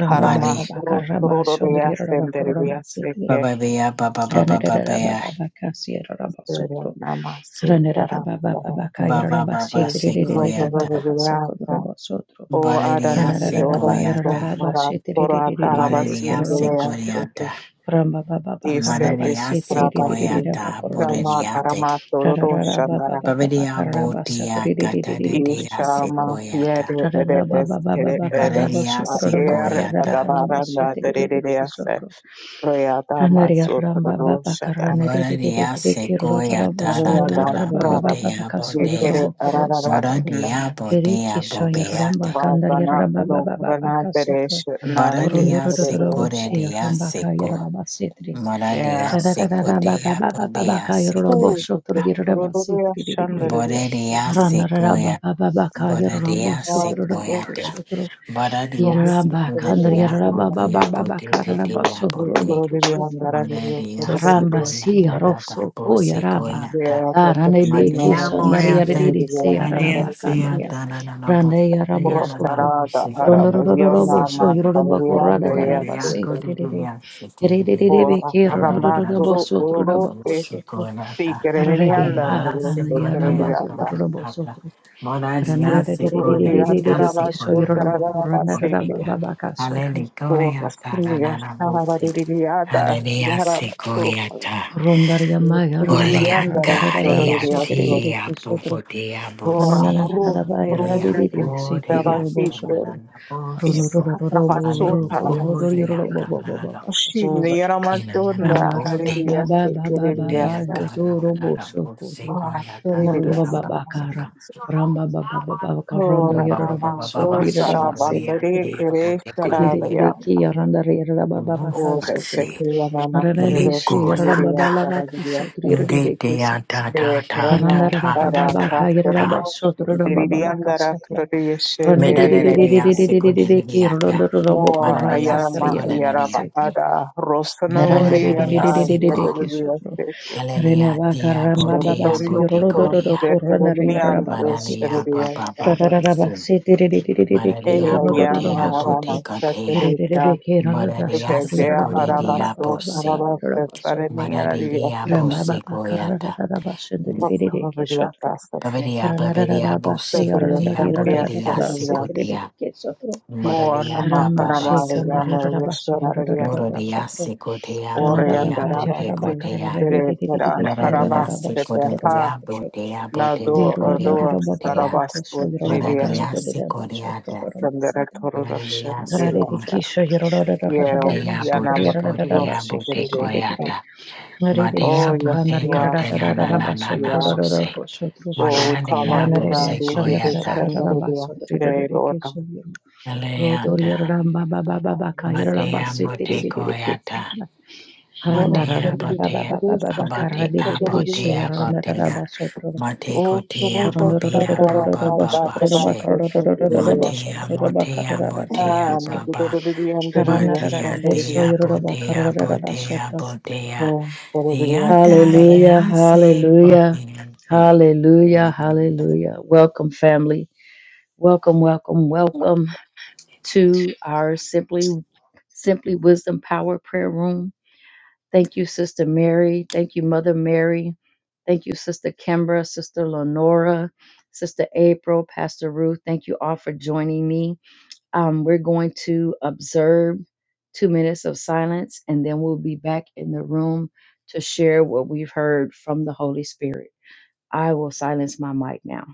Speaker 1: Ramba
Speaker 3: Karama,
Speaker 1: baba
Speaker 4: Mari,
Speaker 1: baka rama shondri
Speaker 3: Rosrodia,
Speaker 1: roro bako roro
Speaker 3: Senderia,
Speaker 1: basete.
Speaker 3: Seke,
Speaker 4: Baba bea, Baba Baba
Speaker 1: Ranarara
Speaker 4: Baba
Speaker 1: baba baka sierra raba
Speaker 3: Seria
Speaker 1: sotro.
Speaker 3: Nama,
Speaker 1: Ranarara
Speaker 3: Sindara,
Speaker 1: baba baba
Speaker 3: Sara,
Speaker 1: baka yarara
Speaker 4: Baba Baba
Speaker 1: basete ririri
Speaker 4: Sekoyata
Speaker 1: baba basoko
Speaker 3: Sindara,
Speaker 1: roro basotro.
Speaker 3: O
Speaker 4: Bararia
Speaker 3: Adana,
Speaker 1: Ranarara baba
Speaker 3: Yora,
Speaker 1: yarara
Speaker 4: Sekoyata
Speaker 1: baba
Speaker 3: Sondara,
Speaker 1: basete
Speaker 3: Pora,
Speaker 1: ririri
Speaker 4: Mararia
Speaker 1: kiroro basotro.
Speaker 3: Tarabasindere,
Speaker 4: Sekoyata
Speaker 1: Ramba baba
Speaker 3: Ese
Speaker 1: bakaraba
Speaker 3: es
Speaker 4: Mararia
Speaker 3: Rabasi,
Speaker 4: Sekoyata
Speaker 1: sietiririririrabakorobo
Speaker 3: Shama
Speaker 1: sotro.
Speaker 4: Borariate
Speaker 3: Karama Tororo
Speaker 1: Rararara baba
Speaker 3: Shandara,
Speaker 1: baba
Speaker 4: Babaria
Speaker 1: bakaraba
Speaker 4: Botia
Speaker 1: satiririririki
Speaker 4: Katadadia
Speaker 1: sotro.
Speaker 3: Ishama
Speaker 4: Sekoyata
Speaker 3: Yere
Speaker 1: Rarara baba
Speaker 3: Eres
Speaker 1: baba
Speaker 3: Kere
Speaker 1: bakaraba
Speaker 3: Eres,
Speaker 4: Bararia
Speaker 1: sotro
Speaker 3: Aer
Speaker 4: Sekoyata
Speaker 1: bakarararaba
Speaker 3: Agavaranda
Speaker 1: sietiririki
Speaker 3: Derese,
Speaker 1: sotro.
Speaker 3: Reada
Speaker 1: Ranaria ramba
Speaker 3: Masotoro
Speaker 1: baba
Speaker 3: Shada,
Speaker 4: Bararia
Speaker 1: karanariririki rororobo
Speaker 4: Sekoyata
Speaker 1: sonro
Speaker 3: Reada
Speaker 4: Radara
Speaker 1: yororoba baba
Speaker 3: Rabas,
Speaker 1: baba
Speaker 4: Botea
Speaker 1: kaso
Speaker 3: Yekere
Speaker 4: Botea
Speaker 1: yororobo koro sotro.
Speaker 3: Ararasna,
Speaker 4: Moradia
Speaker 1: Riki
Speaker 4: Botea
Speaker 1: shan yoro ramba
Speaker 4: Bobeate
Speaker 1: kandar yoro
Speaker 3: Vazana
Speaker 1: raba baba baba
Speaker 3: Lokvana
Speaker 1: kasotro.
Speaker 3: Deresh Narate
Speaker 4: Bararia
Speaker 1: Rondorororobo
Speaker 3: Tororo.
Speaker 1: si
Speaker 4: Sekoreria
Speaker 1: ramba ka yororoba sietri. Rana
Speaker 3: Yeah.
Speaker 4: Moraria secoya, bobea
Speaker 3: Oh,
Speaker 4: secoya,
Speaker 3: but the Tororo Shandara Yasi.
Speaker 4: boreria secoya, boreria
Speaker 3: Oh, thank
Speaker 4: secoya,
Speaker 3: you. So,
Speaker 4: boreria
Speaker 3: we
Speaker 4: secoya,
Speaker 3: can
Speaker 4: botea, botea, botea, bote,
Speaker 3: Rutsuro de andare di Dio,
Speaker 4: moraria
Speaker 3: però dove
Speaker 1: Ramba
Speaker 3: deve
Speaker 4: secoya,
Speaker 1: si
Speaker 4: da
Speaker 3: andare?
Speaker 4: da da,
Speaker 1: rosso koya raba.
Speaker 4: bo
Speaker 3: Beato
Speaker 1: Darane de
Speaker 3: Tocciona,
Speaker 1: ke
Speaker 3: Rato,
Speaker 4: Madiamo e a
Speaker 1: sandaria de
Speaker 3: che
Speaker 4: te,
Speaker 1: de
Speaker 3: deve
Speaker 1: se
Speaker 4: aria
Speaker 3: andare
Speaker 1: araba
Speaker 3: di Dio.
Speaker 4: sia
Speaker 1: kandaria.
Speaker 4: tanana na
Speaker 1: Rande ya rabo
Speaker 4: bufea
Speaker 3: Pro
Speaker 4: la la
Speaker 1: sodro.
Speaker 3: Saraga,
Speaker 4: musicola
Speaker 1: Rondo
Speaker 3: Araba,
Speaker 1: ro
Speaker 4: la
Speaker 1: ro ro robo so
Speaker 3: Yonama,
Speaker 4: musicola.
Speaker 1: yoro kurada da
Speaker 4: Voda
Speaker 3: Sarviandre,
Speaker 1: raba se
Speaker 4: diaco
Speaker 3: Asete,
Speaker 4: di
Speaker 1: tere de de.
Speaker 4: dia
Speaker 1: Tere de de de
Speaker 4: secundina.
Speaker 1: be
Speaker 3: Ora,
Speaker 1: ke rondo ro ro
Speaker 4: Alleluia
Speaker 1: robo
Speaker 3: Ramaturu,
Speaker 4: la
Speaker 1: sotro robo ko
Speaker 3: Urupe,
Speaker 1: sotro.
Speaker 4: musicola
Speaker 3: sì,
Speaker 4: ta.
Speaker 3: che devi
Speaker 1: Tarare
Speaker 3: andare,
Speaker 1: ha
Speaker 4: Alleluia
Speaker 3: adesso
Speaker 1: kandaria
Speaker 3: per devi
Speaker 1: ramba
Speaker 4: secotea
Speaker 1: yo
Speaker 4: ta
Speaker 1: tro
Speaker 3: andare.
Speaker 4: ta
Speaker 1: robo
Speaker 4: ta ta.
Speaker 1: sotro.
Speaker 4: Voda dia
Speaker 1: Ranara de de de de
Speaker 3: Rutsuro di
Speaker 4: secone
Speaker 1: de de de
Speaker 4: dia
Speaker 3: andare
Speaker 1: de ke
Speaker 3: avanti,
Speaker 1: so
Speaker 4: secona
Speaker 1: yoro
Speaker 4: la
Speaker 3: per
Speaker 1: robo
Speaker 3: andare
Speaker 4: la
Speaker 1: kurada
Speaker 3: avanti,
Speaker 1: raba
Speaker 3: che
Speaker 4: boteca.
Speaker 1: baba kasotro sotro.
Speaker 3: ora,
Speaker 4: Alleluia ta la
Speaker 3: signora,
Speaker 4: la la
Speaker 3: Sarava
Speaker 4: buse.
Speaker 3: di Diada,
Speaker 4: Alleluia
Speaker 3: Yaraba, Sopra,
Speaker 4: Ta.
Speaker 1: Rondaria maya
Speaker 3: Rutsuro di
Speaker 1: raba
Speaker 4: Olea
Speaker 1: karada
Speaker 3: andare,
Speaker 1: da
Speaker 3: Sora
Speaker 1: raba
Speaker 3: di
Speaker 4: caria
Speaker 1: se tere de de
Speaker 4: tia
Speaker 1: ke sotro.
Speaker 4: bubu dia
Speaker 3: Ora
Speaker 4: busi.
Speaker 3: rus
Speaker 1: Anananananaraba
Speaker 4: Dia
Speaker 3: prunde
Speaker 1: yararariri
Speaker 3: is
Speaker 4: bodea
Speaker 1: sekirurobo
Speaker 3: devasite
Speaker 1: sodro
Speaker 4: tamalana
Speaker 3: is
Speaker 4: bosico.
Speaker 1: ronorororobo roko
Speaker 3: rapazzota
Speaker 4: Alleluia
Speaker 3: sete.
Speaker 1: rodoriorobo
Speaker 4: tamalana
Speaker 1: bobobaba
Speaker 4: bu.
Speaker 3: Uscibile
Speaker 1: kasodro
Speaker 3: era
Speaker 4: Inanana
Speaker 3: madonna
Speaker 1: ranaraba
Speaker 4: bote.
Speaker 3: alleluia
Speaker 1: baba baba baba
Speaker 4: Dea
Speaker 1: yodorobo
Speaker 4: tamalana
Speaker 1: sokodro
Speaker 4: bosico
Speaker 3: Ora
Speaker 4: ya
Speaker 3: alleluia
Speaker 1: morumba
Speaker 4: tamalana
Speaker 1: baba kara
Speaker 4: bosico.
Speaker 1: ramba baba baba karondo
Speaker 3: Ora
Speaker 4: Baba
Speaker 1: yararaba
Speaker 4: baba
Speaker 3: mamma
Speaker 1: sodri
Speaker 4: baba
Speaker 3: rosa
Speaker 1: yararaba
Speaker 4: soria
Speaker 3: rabandere
Speaker 1: sediriri
Speaker 4: tia
Speaker 3: cre
Speaker 4: bote
Speaker 3: sarabia.
Speaker 1: didiriri
Speaker 4: coleriata.
Speaker 1: ki yarandari yararaba baba
Speaker 3: Ora se
Speaker 1: kasodri
Speaker 4: Buffasi.
Speaker 3: crea
Speaker 1: Rana bishi yararaba
Speaker 3: miria
Speaker 4: Licoyata.
Speaker 1: baba
Speaker 3: paradia.
Speaker 1: kasodri yarariri
Speaker 4: Gedea da
Speaker 3: De
Speaker 4: da da da
Speaker 3: prana
Speaker 4: da
Speaker 1: Randarada
Speaker 4: da
Speaker 1: baba
Speaker 3: para
Speaker 1: Baka
Speaker 4: da
Speaker 3: rasto
Speaker 4: da
Speaker 1: Yeraba
Speaker 3: cruz
Speaker 1: Sotra baba Baka
Speaker 3: deridiandara
Speaker 1: Satla
Speaker 3: crudesce
Speaker 1: Randediki
Speaker 4: Medaneriasikoneneniata.
Speaker 1: Rondorobo
Speaker 3: More
Speaker 1: Kuratsa
Speaker 3: Ayama
Speaker 1: Tariela
Speaker 3: Yaraba
Speaker 4: Mananeriasikoneneniate.
Speaker 1: Basetri
Speaker 3: Ada Rosano Diana
Speaker 4: Mananeriasiko.
Speaker 1: Randediki
Speaker 3: Yatelia
Speaker 1: Sotro
Speaker 3: Sete
Speaker 4: Hallelujah,
Speaker 1: Renavaka
Speaker 4: dear
Speaker 1: Ramba baba
Speaker 4: Botea
Speaker 1: Si
Speaker 3: Sheridondo
Speaker 1: Rododo
Speaker 4: Boteconia.
Speaker 1: Koranari
Speaker 3: Zeterinian
Speaker 1: Rababa
Speaker 4: Manania
Speaker 1: Basitri
Speaker 3: Sheria
Speaker 4: Baba Baba
Speaker 3: Standard
Speaker 1: Rararaba
Speaker 4: Sing.
Speaker 1: Setri
Speaker 4: Manania
Speaker 3: Eya Yama
Speaker 1: Ronodobo
Speaker 4: Botea
Speaker 3: Arana
Speaker 1: Sotro
Speaker 4: Botecotea.
Speaker 3: Saturita
Speaker 1: Rebeke Rada
Speaker 4: Manania
Speaker 1: Satri
Speaker 3: Tedea
Speaker 1: Rababa baba
Speaker 4: Sicodia
Speaker 1: baka
Speaker 3: Arabaso
Speaker 1: baka baka
Speaker 4: Bose.
Speaker 3: Arabas
Speaker 1: basitri Randa
Speaker 3: Parenia
Speaker 4: Manania
Speaker 3: Standard
Speaker 1: Rambaba
Speaker 4: Bosecoyata.
Speaker 1: kararararaba sunduririke sotro.
Speaker 3: Lotsavariata Sete
Speaker 4: Babadia Babadia
Speaker 1: Paranarararaba she
Speaker 3: Saturday
Speaker 4: Bosicotia
Speaker 3: Haridia
Speaker 4: Bodedia
Speaker 1: yaranarirarararara
Speaker 3: Standard
Speaker 4: Sicotia.
Speaker 1: setiririke sotro.
Speaker 3: More
Speaker 4: Moradia Baba
Speaker 1: Ramba
Speaker 3: Namakanama
Speaker 1: she
Speaker 4: Basico.
Speaker 3: Yana
Speaker 1: kandariraraba sundurirararaba
Speaker 3: Yeshara
Speaker 4: Borodia
Speaker 1: sotro.
Speaker 4: Sikotea
Speaker 1: Ranararaba
Speaker 4: Bodea
Speaker 1: yararaba
Speaker 3: Oriandarabasi,
Speaker 4: Botecotea
Speaker 3: Direkera,
Speaker 1: karararaririririke
Speaker 4: Baradia
Speaker 1: yarararaba
Speaker 3: Harabastepe,
Speaker 1: sotro raraba
Speaker 3: Ha,
Speaker 4: Sikodia
Speaker 1: sotro.
Speaker 4: Botea Botea
Speaker 3: Nado,
Speaker 4: Botea
Speaker 3: Ordo,
Speaker 1: Virurandararaba
Speaker 4: Botea
Speaker 1: bababa koso
Speaker 3: Sarabastu,
Speaker 1: yararaba
Speaker 4: Maradia
Speaker 3: Triviastum,
Speaker 1: karararariraraba sotro
Speaker 4: Sikodeata
Speaker 1: raraba satra.
Speaker 3: Sanderetoroshan,
Speaker 4: Maradia Siko
Speaker 3: Rivasta,
Speaker 1: Rararirike sho yararararaba
Speaker 3: Yeo,
Speaker 1: bababa
Speaker 4: Botea
Speaker 1: satra
Speaker 3: Yanama,
Speaker 1: yarararaba
Speaker 4: Botecotea
Speaker 3: Roshi, Derivasta.
Speaker 4: Botecoyata
Speaker 1: Narere
Speaker 3: Oh,
Speaker 4: Matea
Speaker 3: yes,
Speaker 1: sakandar
Speaker 3: you are,
Speaker 4: Botecotena na
Speaker 1: yararararara
Speaker 4: na na na
Speaker 1: basotro
Speaker 3: Hamasia.
Speaker 1: rororo
Speaker 4: bose
Speaker 1: kosotro
Speaker 3: Oh, we call on
Speaker 4: Madadia
Speaker 3: you, God,
Speaker 1: ranarere
Speaker 3: we did this
Speaker 4: Bosecoyata
Speaker 1: sandararararara basotro
Speaker 3: today,
Speaker 1: rarere
Speaker 3: Lord God.
Speaker 1: kesodro rodor
Speaker 3: Thank
Speaker 4: Aleata
Speaker 3: you.
Speaker 1: yararam ba ba ba ba ba
Speaker 3: Somebody
Speaker 1: ka
Speaker 3: is sick
Speaker 1: yararam
Speaker 3: in
Speaker 4: Matea
Speaker 3: the
Speaker 1: basete
Speaker 3: room.
Speaker 1: rarere
Speaker 4: Botecoyata
Speaker 1: kesatra
Speaker 3: Lord, I pray
Speaker 1: ranarara
Speaker 4: Matea
Speaker 3: that
Speaker 1: ba ba
Speaker 3: you
Speaker 1: ba
Speaker 4: Botea
Speaker 1: ba ba ba
Speaker 3: produce
Speaker 1: ba
Speaker 3: the
Speaker 1: ka
Speaker 3: goodness
Speaker 4: Abate
Speaker 3: of the
Speaker 1: rarere she
Speaker 3: Lord.
Speaker 4: Abotea
Speaker 1: yararararara
Speaker 4: Botea
Speaker 1: basotro
Speaker 4: Mate
Speaker 3: O
Speaker 4: Cotea
Speaker 3: Santo
Speaker 4: Bobia
Speaker 3: Satara
Speaker 1: ronororororororo
Speaker 4: Boba
Speaker 3: Sata
Speaker 4: Baba
Speaker 1: basotro ba ka
Speaker 4: She
Speaker 3: Tabasto
Speaker 1: rorororororo
Speaker 3: Kuturias.
Speaker 4: Motea
Speaker 1: basotro ba ka
Speaker 4: Motea
Speaker 1: rarabase
Speaker 4: Motea
Speaker 3: Ah,
Speaker 1: ketre
Speaker 4: Baba
Speaker 3: Nagidorian Deridia
Speaker 4: Batea
Speaker 1: ranarararare so
Speaker 3: Shandoridia.
Speaker 4: Tea
Speaker 1: yororo ba ka
Speaker 4: Botea Botea Botea Theata
Speaker 3: Deridia
Speaker 1: Hallelujah,
Speaker 4: Yase
Speaker 1: hallelujah,
Speaker 4: Botea Semi
Speaker 1: hallelujah, hallelujah. Welcome, family. Welcome, welcome, welcome to our Simply Simply Wisdom Power Prayer Room. Thank you, Sister Mary. Thank you, Mother Mary. Thank you, Sister Kimbra, Sister Lenora, Sister April, Pastor Ruth. Thank you all for joining me. Um, we're going to observe two minutes of silence, and then we'll be back in the room to share what we've heard from the Holy Spirit. I will silence my mic now.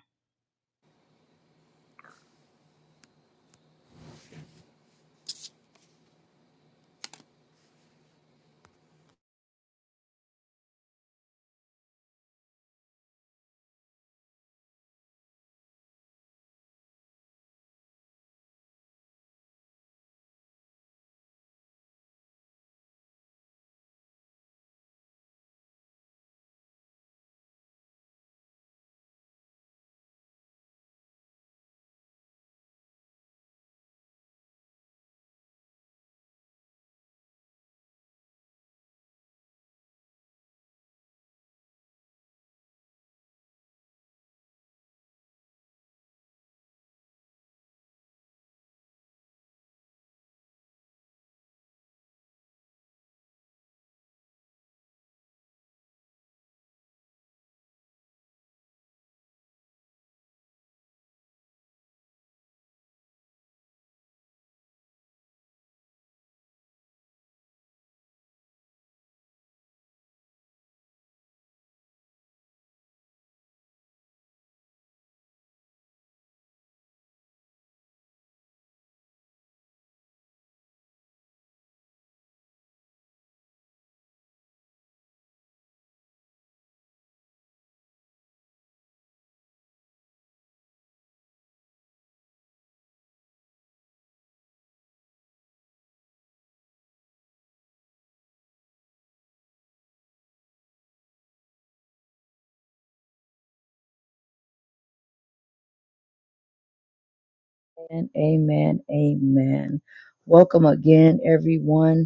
Speaker 1: And amen. Amen. Welcome again, everyone.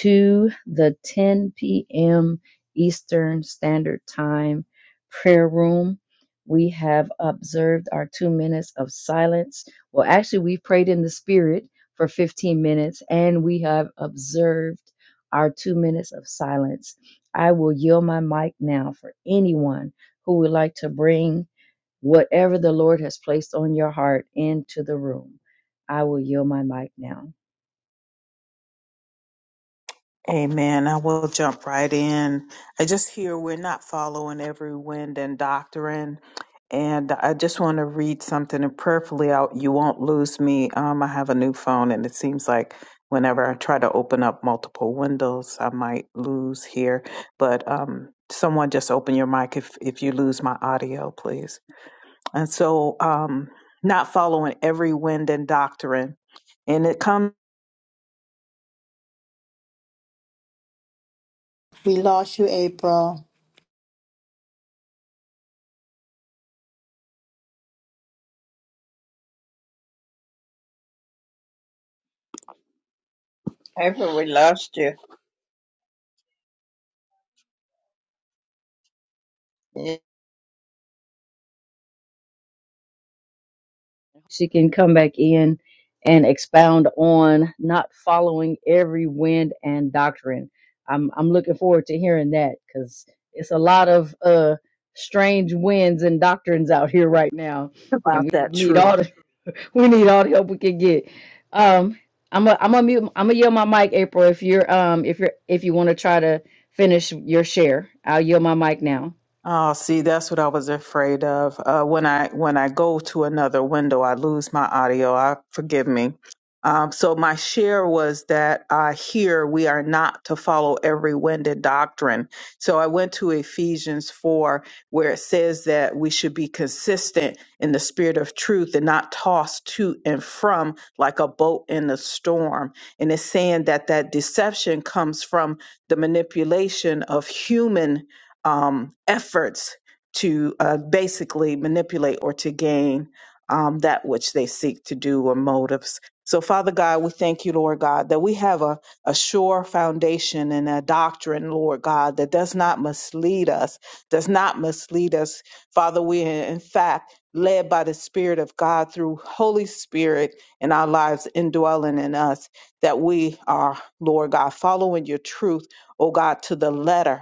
Speaker 1: to the 10 p.m. Eastern Standard Time prayer room. We have observed our two minutes of silence. Well, actually, we prayed in the spirit for 15 minutes and we have observed our two minutes of silence. I will yield my mic now for anyone who would like to bring whatever the Lord has placed on your heart into the room. I will yield my mic now.
Speaker 3: Amen. I will jump right in. I just hear we're not following every wind and doctrine. And I just want to read something and prayerfully out. You won't lose me. Um, I have a new phone, and it seems like whenever I try to open up multiple windows, I might lose here. But um, someone just open your mic if, if you lose my audio, please. And so, um, not following every wind and doctrine. And it comes.
Speaker 4: April.
Speaker 5: Piper, we lost you. Yeah.
Speaker 1: she can come back in and expound on not following every wind and doctrine. I'm I'm looking forward to hearing that because it's a lot of uh strange winds and doctrines out here right now, and we need all the we need all the help we can get. Um, I'm a I'm a mute I'm gonna yield my mic, April. If you're um if you're if you want to try to finish your share, I'll yield my mic now.
Speaker 3: Oh, see, that's what I was afraid of. Uh, when I when I go to another window, I lose my audio. I forgive me. Um, so my share was that uh, here we are not to follow every winded doctrine. So I went to Ephesians four, where it says that we should be consistent in the spirit of truth and not tossed to and from like a boat in a storm. And it's saying that that deception comes from the manipulation of human um, efforts to uh, basically manipulate or to gain um, that which they seek to do or motives. So, Father God, we thank you, Lord God, that we have a, a sure foundation and a doctrine, Lord God, that does not mislead us, does not mislead us. Father, we are in fact led by the Spirit of God through Holy Spirit in our lives indwelling in us, that we are, Lord God, following your truth, oh God, to the letter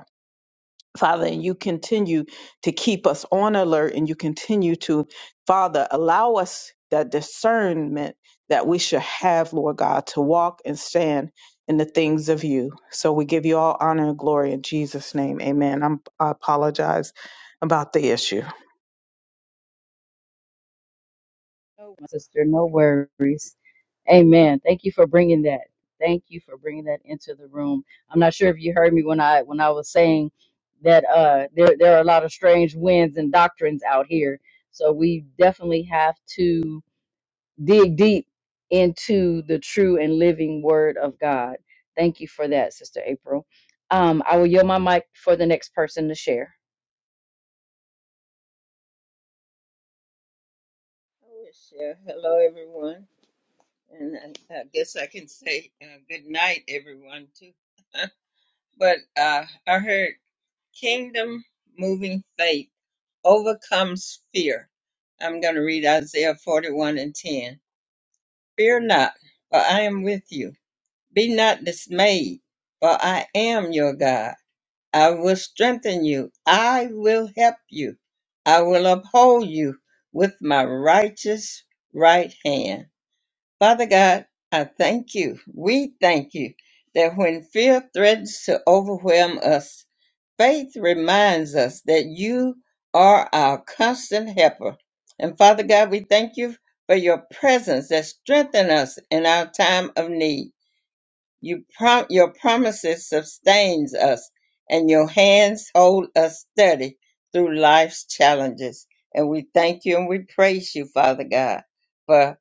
Speaker 3: Father, and you continue to keep us on alert and you continue to, Father, allow us that discernment that we should have, Lord God, to walk and stand in the things of you. So we give you all honor and glory in Jesus' name. Amen. I'm, I apologize about the issue.
Speaker 1: No, my sister, no worries. Amen. Thank you for bringing that. Thank you for bringing that into the room. I'm not sure if you heard me when I when I was saying that uh, there there are a lot of strange winds and doctrines out here. So we definitely have to dig deep into the true and living Word of God. Thank you for that, Sister April. Um, I will yield my mic for the next person to share.
Speaker 5: I wish, uh, hello, everyone. And I, I guess I can say uh, good night, everyone, too. but uh, I heard kingdom moving faith overcomes fear. I'm going to read Isaiah 41 and 10. Fear not, for I am with you. Be not dismayed, for I am your God. I will strengthen you. I will help you. I will uphold you with my righteous right hand. Father God, I thank you. We thank you that when fear threatens to overwhelm us, faith reminds us that you are our constant helper. And Father God, we thank you for your presence that strengthens us in our time of need. You prom- your promises sustains us, and your hands hold us steady through life's challenges. And we thank you and we praise you, Father God, for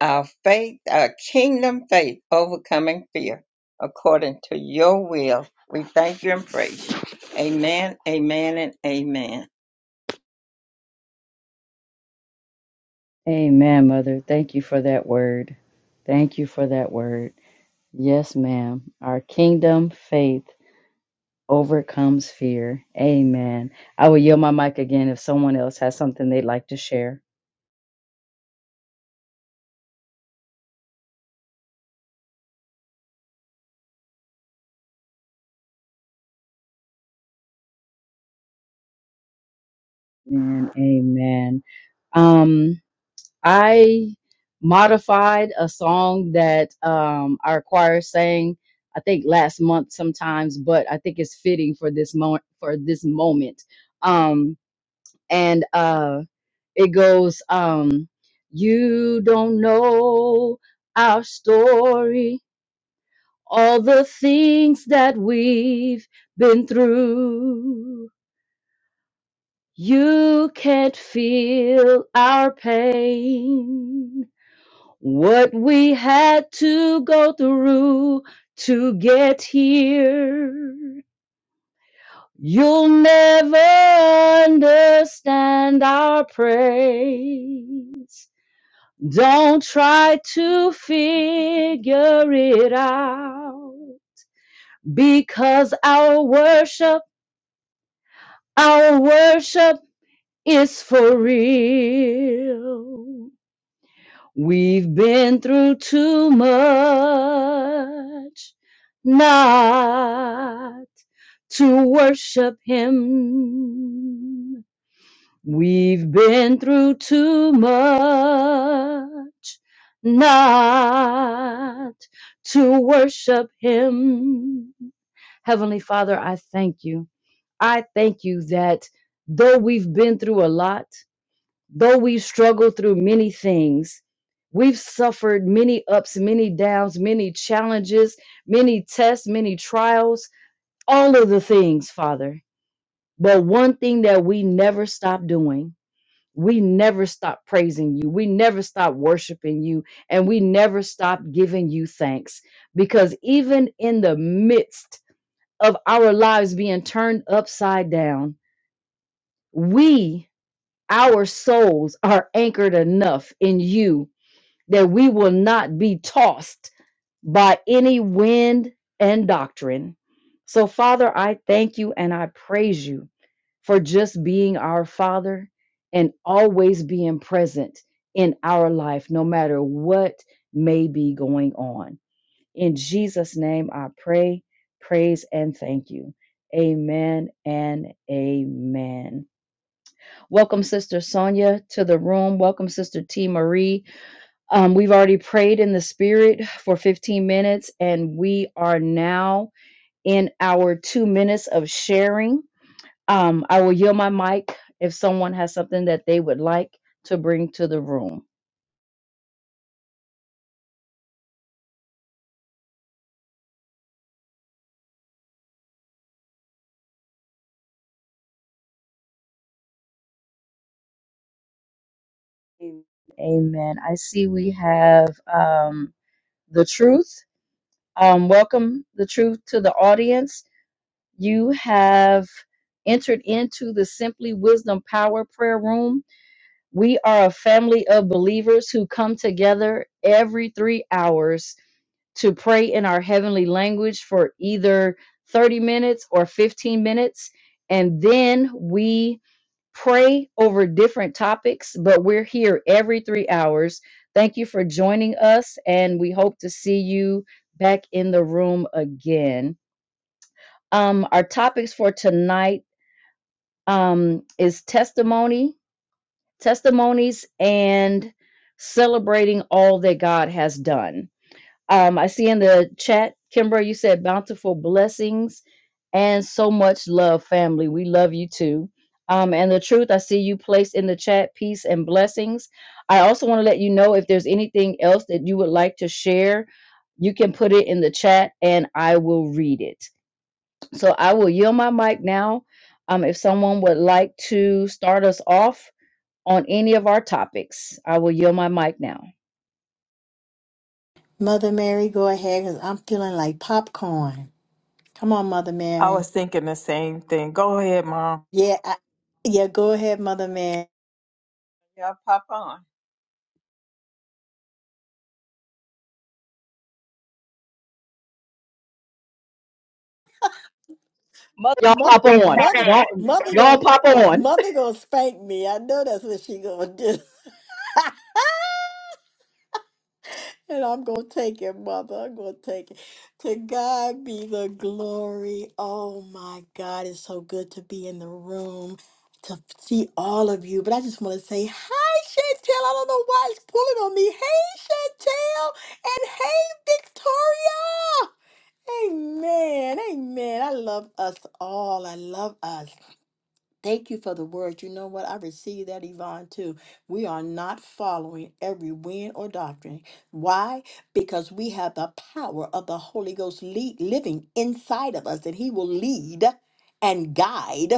Speaker 5: our faith, our kingdom faith, overcoming fear, according to your will. We thank you and praise you. Amen, amen, and amen.
Speaker 1: Amen, Mother. Thank you for that word. Thank you for that word. Yes, ma'am. Our kingdom faith overcomes fear. Amen. I will yield my mic again if someone else has something they'd like to share. Amen. Amen. Um, I modified a song that um, our choir sang, I think last month sometimes, but I think it's fitting for this moment for this moment. Um, and uh It goes, um, you don't know our story, all the things that we've been through. You can't feel our pain, what we had to go through to get here. You'll never understand our praise. Don't try to figure it out because our worship, our worship is for real. We've been through too much not to worship Him. We've been through too much not to worship Him. Heavenly Father, I thank you. I thank you that though we've been through a lot, though we've struggled through many things, we've suffered many ups, many downs, many challenges, many tests, many trials, all of the things, Father. But one thing that we never stop doing we never stop praising you. We never stop worshiping you. And we never stop giving you thanks. Because even in the midst of our lives being turned upside down, we, our souls, are anchored enough in you that we will not be tossed by any wind and doctrine. So, Father, I thank you and I praise you for just being our Father and always being present in our life, no matter what may be going on. In Jesus' name, I pray, praise, and thank you. Amen and amen. Welcome, Sister Sonia, to the room. Welcome, Sister T. Marie. Um, we've already prayed in the spirit for 15 minutes, and we are now in our two minutes of sharing. Um, I will yield my mic if someone has something that they would like to bring to the room. Amen. Amen. I see we have um, the truth. Um, welcome the truth to the audience. You have entered into the Simply Wisdom Power Prayer Room We are a family of believers who come together every three hours to pray in our heavenly language for either 30 minutes or 15 minutes. And then we pray over different topics, but we're here every three hours. Thank you for joining us, and we hope to see you back in the room again. Um, our topics for tonight um, is testimony testimonies and celebrating all that God has done. Um, I see in the chat, Kimber, you said bountiful blessings and so much love, family. We love you too. Um, and the truth, I see you placed in the chat, peace and blessings. I also want to let you know if there's anything else that you would like to share, you can put it in the chat and I will read it. So I will yield my mic now. Um, if someone would like to start us off, on any of our topics. I will yield my mic now.
Speaker 4: Mother Mary, go ahead because I'm feeling like popcorn. Come on, Mother
Speaker 3: I
Speaker 4: Mary.
Speaker 3: was thinking the same thing. Go ahead, Mom.
Speaker 4: Yeah, I, yeah, go ahead, Mother Mary.
Speaker 5: Y'all pop on.
Speaker 1: Y'all
Speaker 4: Mother,
Speaker 1: pop on.
Speaker 4: mother,
Speaker 1: Go,
Speaker 4: mother
Speaker 1: go
Speaker 4: gonna,
Speaker 1: pop on.
Speaker 4: mother gonna spank me. I know that's what she gonna do, and I'm gonna take it, mother. I'm gonna take it. To God be the glory. Oh my God, it's so good to be in the room to see all of you. But I just want to say hi, Chantel. I don't know why it's pulling on me. Hey, Chantel, and hey, Victoria. Amen. Amen. I love us all. I love us. Thank you for the word. You know what? I received that, Yvonne, too. We are not following every wind or doctrine. Why? Because we have the power of the Holy Ghost lead, living inside of us, and He will lead and guide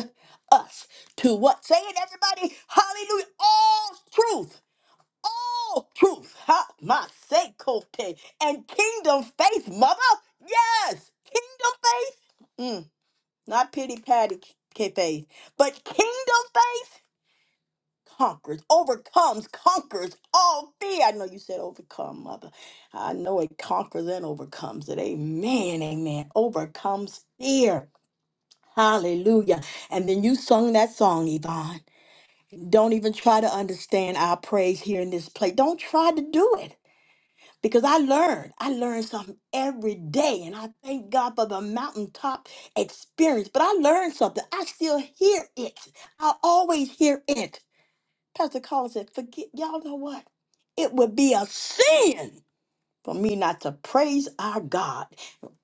Speaker 4: us to what? Say it, everybody. Hallelujah. All truth. All truth. Ha, my sake, Kote. And kingdom faith, mother. Yes. Kingdom faith. Mm not pity patty k- faith, but kingdom faith conquers, overcomes, conquers all fear. I know you said overcome, mother. I know it conquers and overcomes it. Amen, amen. Overcomes fear. Hallelujah. And then you sung that song, Yvonne. Don't even try to understand our praise here in this place. Don't try to do it because I learned. I learned something every day, and I thank God for the mountaintop experience. But I learned something. I still hear it. I always hear it. Pastor Collins said, "Forget y'all know what? It would be a sin for me not to praise our God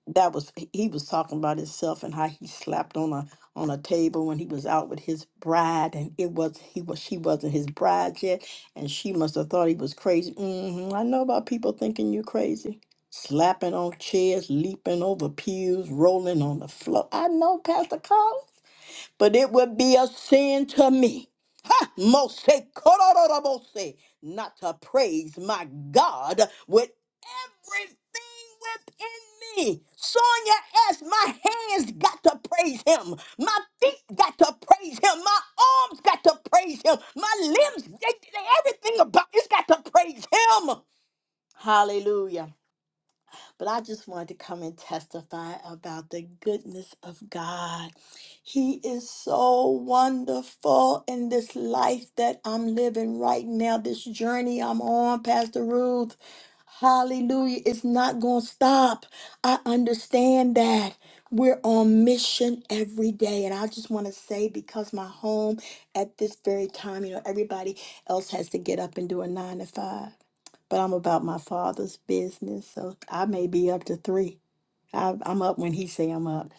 Speaker 4: that was he was talking about himself and how he slapped on a on a table when he was out with his bride and it was he was she wasn't his bride yet and she must have thought he was crazy hmm i know about people thinking you're crazy slapping on chairs leaping over pews rolling on the floor i know pastor carl but it would be a sin to me. Ha! Mose kororobose, not to praise my God with everything within me. Sonia as my hands got to praise him. My feet got to praise him. My arms got to praise him. My limbs, they, they- everything about it's got to praise him. Hallelujah. But I just wanted to come and testify about the goodness of God. He is so wonderful in this life that I'm living right now, this journey I'm on, Pastor Ruth. Hallelujah. It's not going to stop. I understand that. We're on mission every day. And I just want to say, because my home at this very time, you know, everybody else has to get up and do a nine to five but I'm about my father's business, so I may be up to three. I, I'm up when he say I'm up,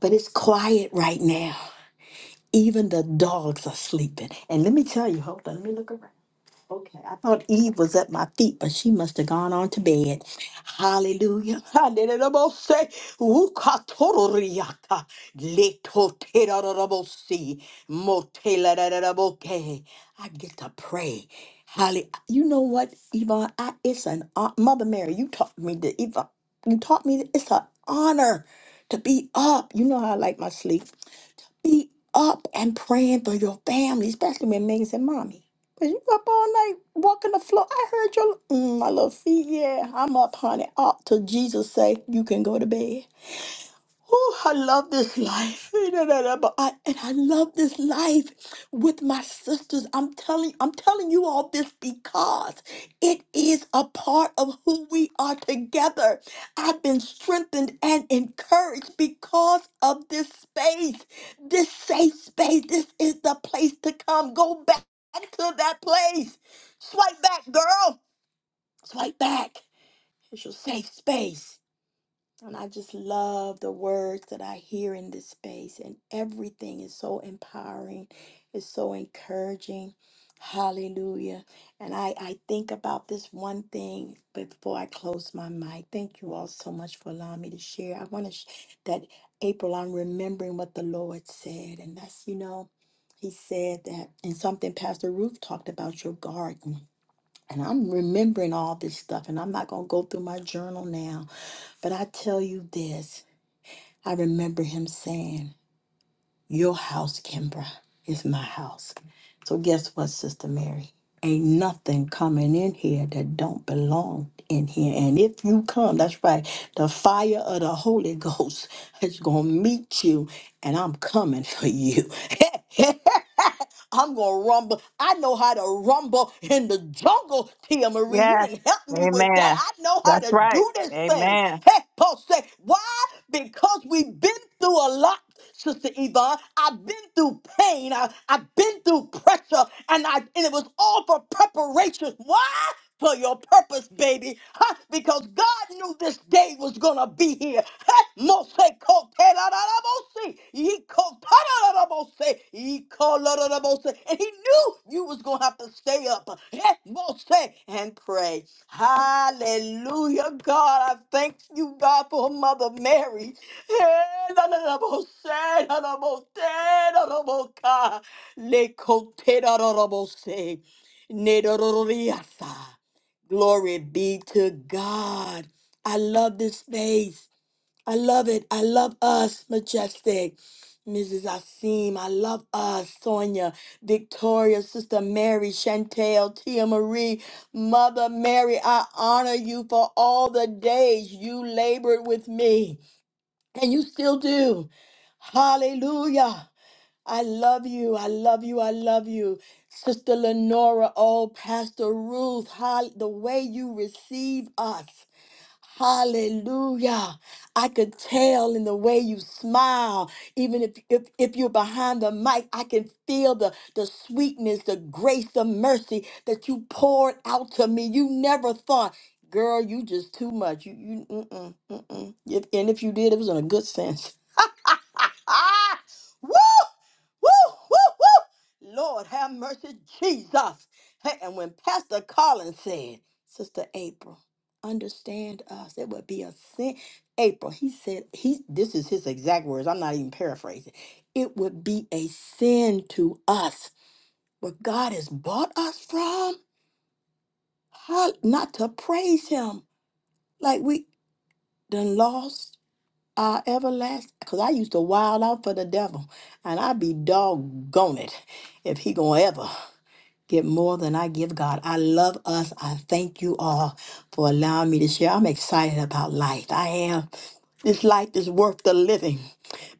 Speaker 4: but it's quiet right now. Even the dogs are sleeping. And let me tell you, hold on, let me look around. Okay, I thought Eve was at my feet, but she must have gone on to bed. Hallelujah. Hallelujah. Ukatororiaka, letoterorobosi, motelaroroboke. I get to pray. Holly, you know what, Yvonne? I, it's an hon- Mother Mary. You taught me to Yvonne. You taught me that it's an honor to be up. You know how I like my sleep. Be up and praying for your family, especially when Megan said, Mommy, was you up all night walking the floor? I heard your mm, my little feet. Yeah, I'm up, honey. Up till Jesus say you can go to bed. Oh, I love this life. But I- And I love this life with my sisters. I'm telling I'm telling you all this because it is a part of who we are together. I've been strengthened and encouraged because of this space, this safe space. This is the place to come. Go back to that place. Swipe back, girl. Swipe back. It's your safe space. And I just love the words that I hear in this space, and everything is so empowering, it's so encouraging. Hallelujah. And I, I think about this one thing before I close my mic. Thank you all so much for allowing me to share. I want to, sh- that April, I'm remembering what the Lord said. And that's, you know, He said that, and something Pastor Ruth talked about your garden. And I'm remembering all this stuff, and I'm not going to go through my journal now but I tell you this, I remember him saying, Your house, Kimbra, is my house. So guess what, Sister Mary? Ain't nothing coming in here that don't belong in here. And if you come, that's right, the fire of the Holy Ghost is gonna meet you, and I'm coming for you. I'm going to rumble. I know how to rumble in the jungle, Tia Marie. You
Speaker 3: Yes.
Speaker 4: didn't help me with that.
Speaker 3: Amen.
Speaker 4: I know how
Speaker 3: That's
Speaker 4: to
Speaker 3: right.
Speaker 4: do this thing.
Speaker 3: Amen.
Speaker 4: Hey, Paul say, why? Because we've been through a lot. Sister Yvonne, I've been through pain. I, I've been through pressure, and I and it was all for preparation. Why? for your purpose, baby, huh? because God knew this day was going to be here. Huh? Mose ko te la la la mose, ye ko ta la la la mose, ye ko la la la mose. And he knew you was going to have to stay up huh? Mose, and pray. Hallelujah, God. I thank you, God, for Mother Mary. Eh, la la la mose, la la mose, la la moka, le ko te la la la mose. Nedororiasa. Glory be to God. I love this space. I love it. I love us, Majestic. Mrs. Asim, I love us, Sonia, Victoria, Sister Mary, Chantel, Tia Marie, Mother Mary, I honor you for all the days you labored with me, and you still do. Hallelujah. I love you. I love you. I love you. Sister Lenora, oh, Pastor Ruth, how, the way you receive us. Hallelujah. I could tell in the way you smile. Even if, if, if you're behind the mic, I can feel the, the sweetness, the grace, the mercy that you poured out to me. You never thought, girl, you just too much. You, you, mm-mm, mm-mm. If, and if you did, it was in a good sense. woo! Woo! Woo! Woo! Lord have mercy, Jesus. Hey, and when Pastor Collins said, Sister April, understand us, it would be a sin. April, he said, he this is his exact words. I'm not even paraphrasing. It would be a sin to us. What God has bought us from, how not to praise him. Like we done lost uh, everlasting. Because I used to wild out for the devil, and I'd be doggone it if he gonna ever. Get more than I give God. I love us. I thank you all for allowing me to share. I'm excited about life. I am. This life is worth the living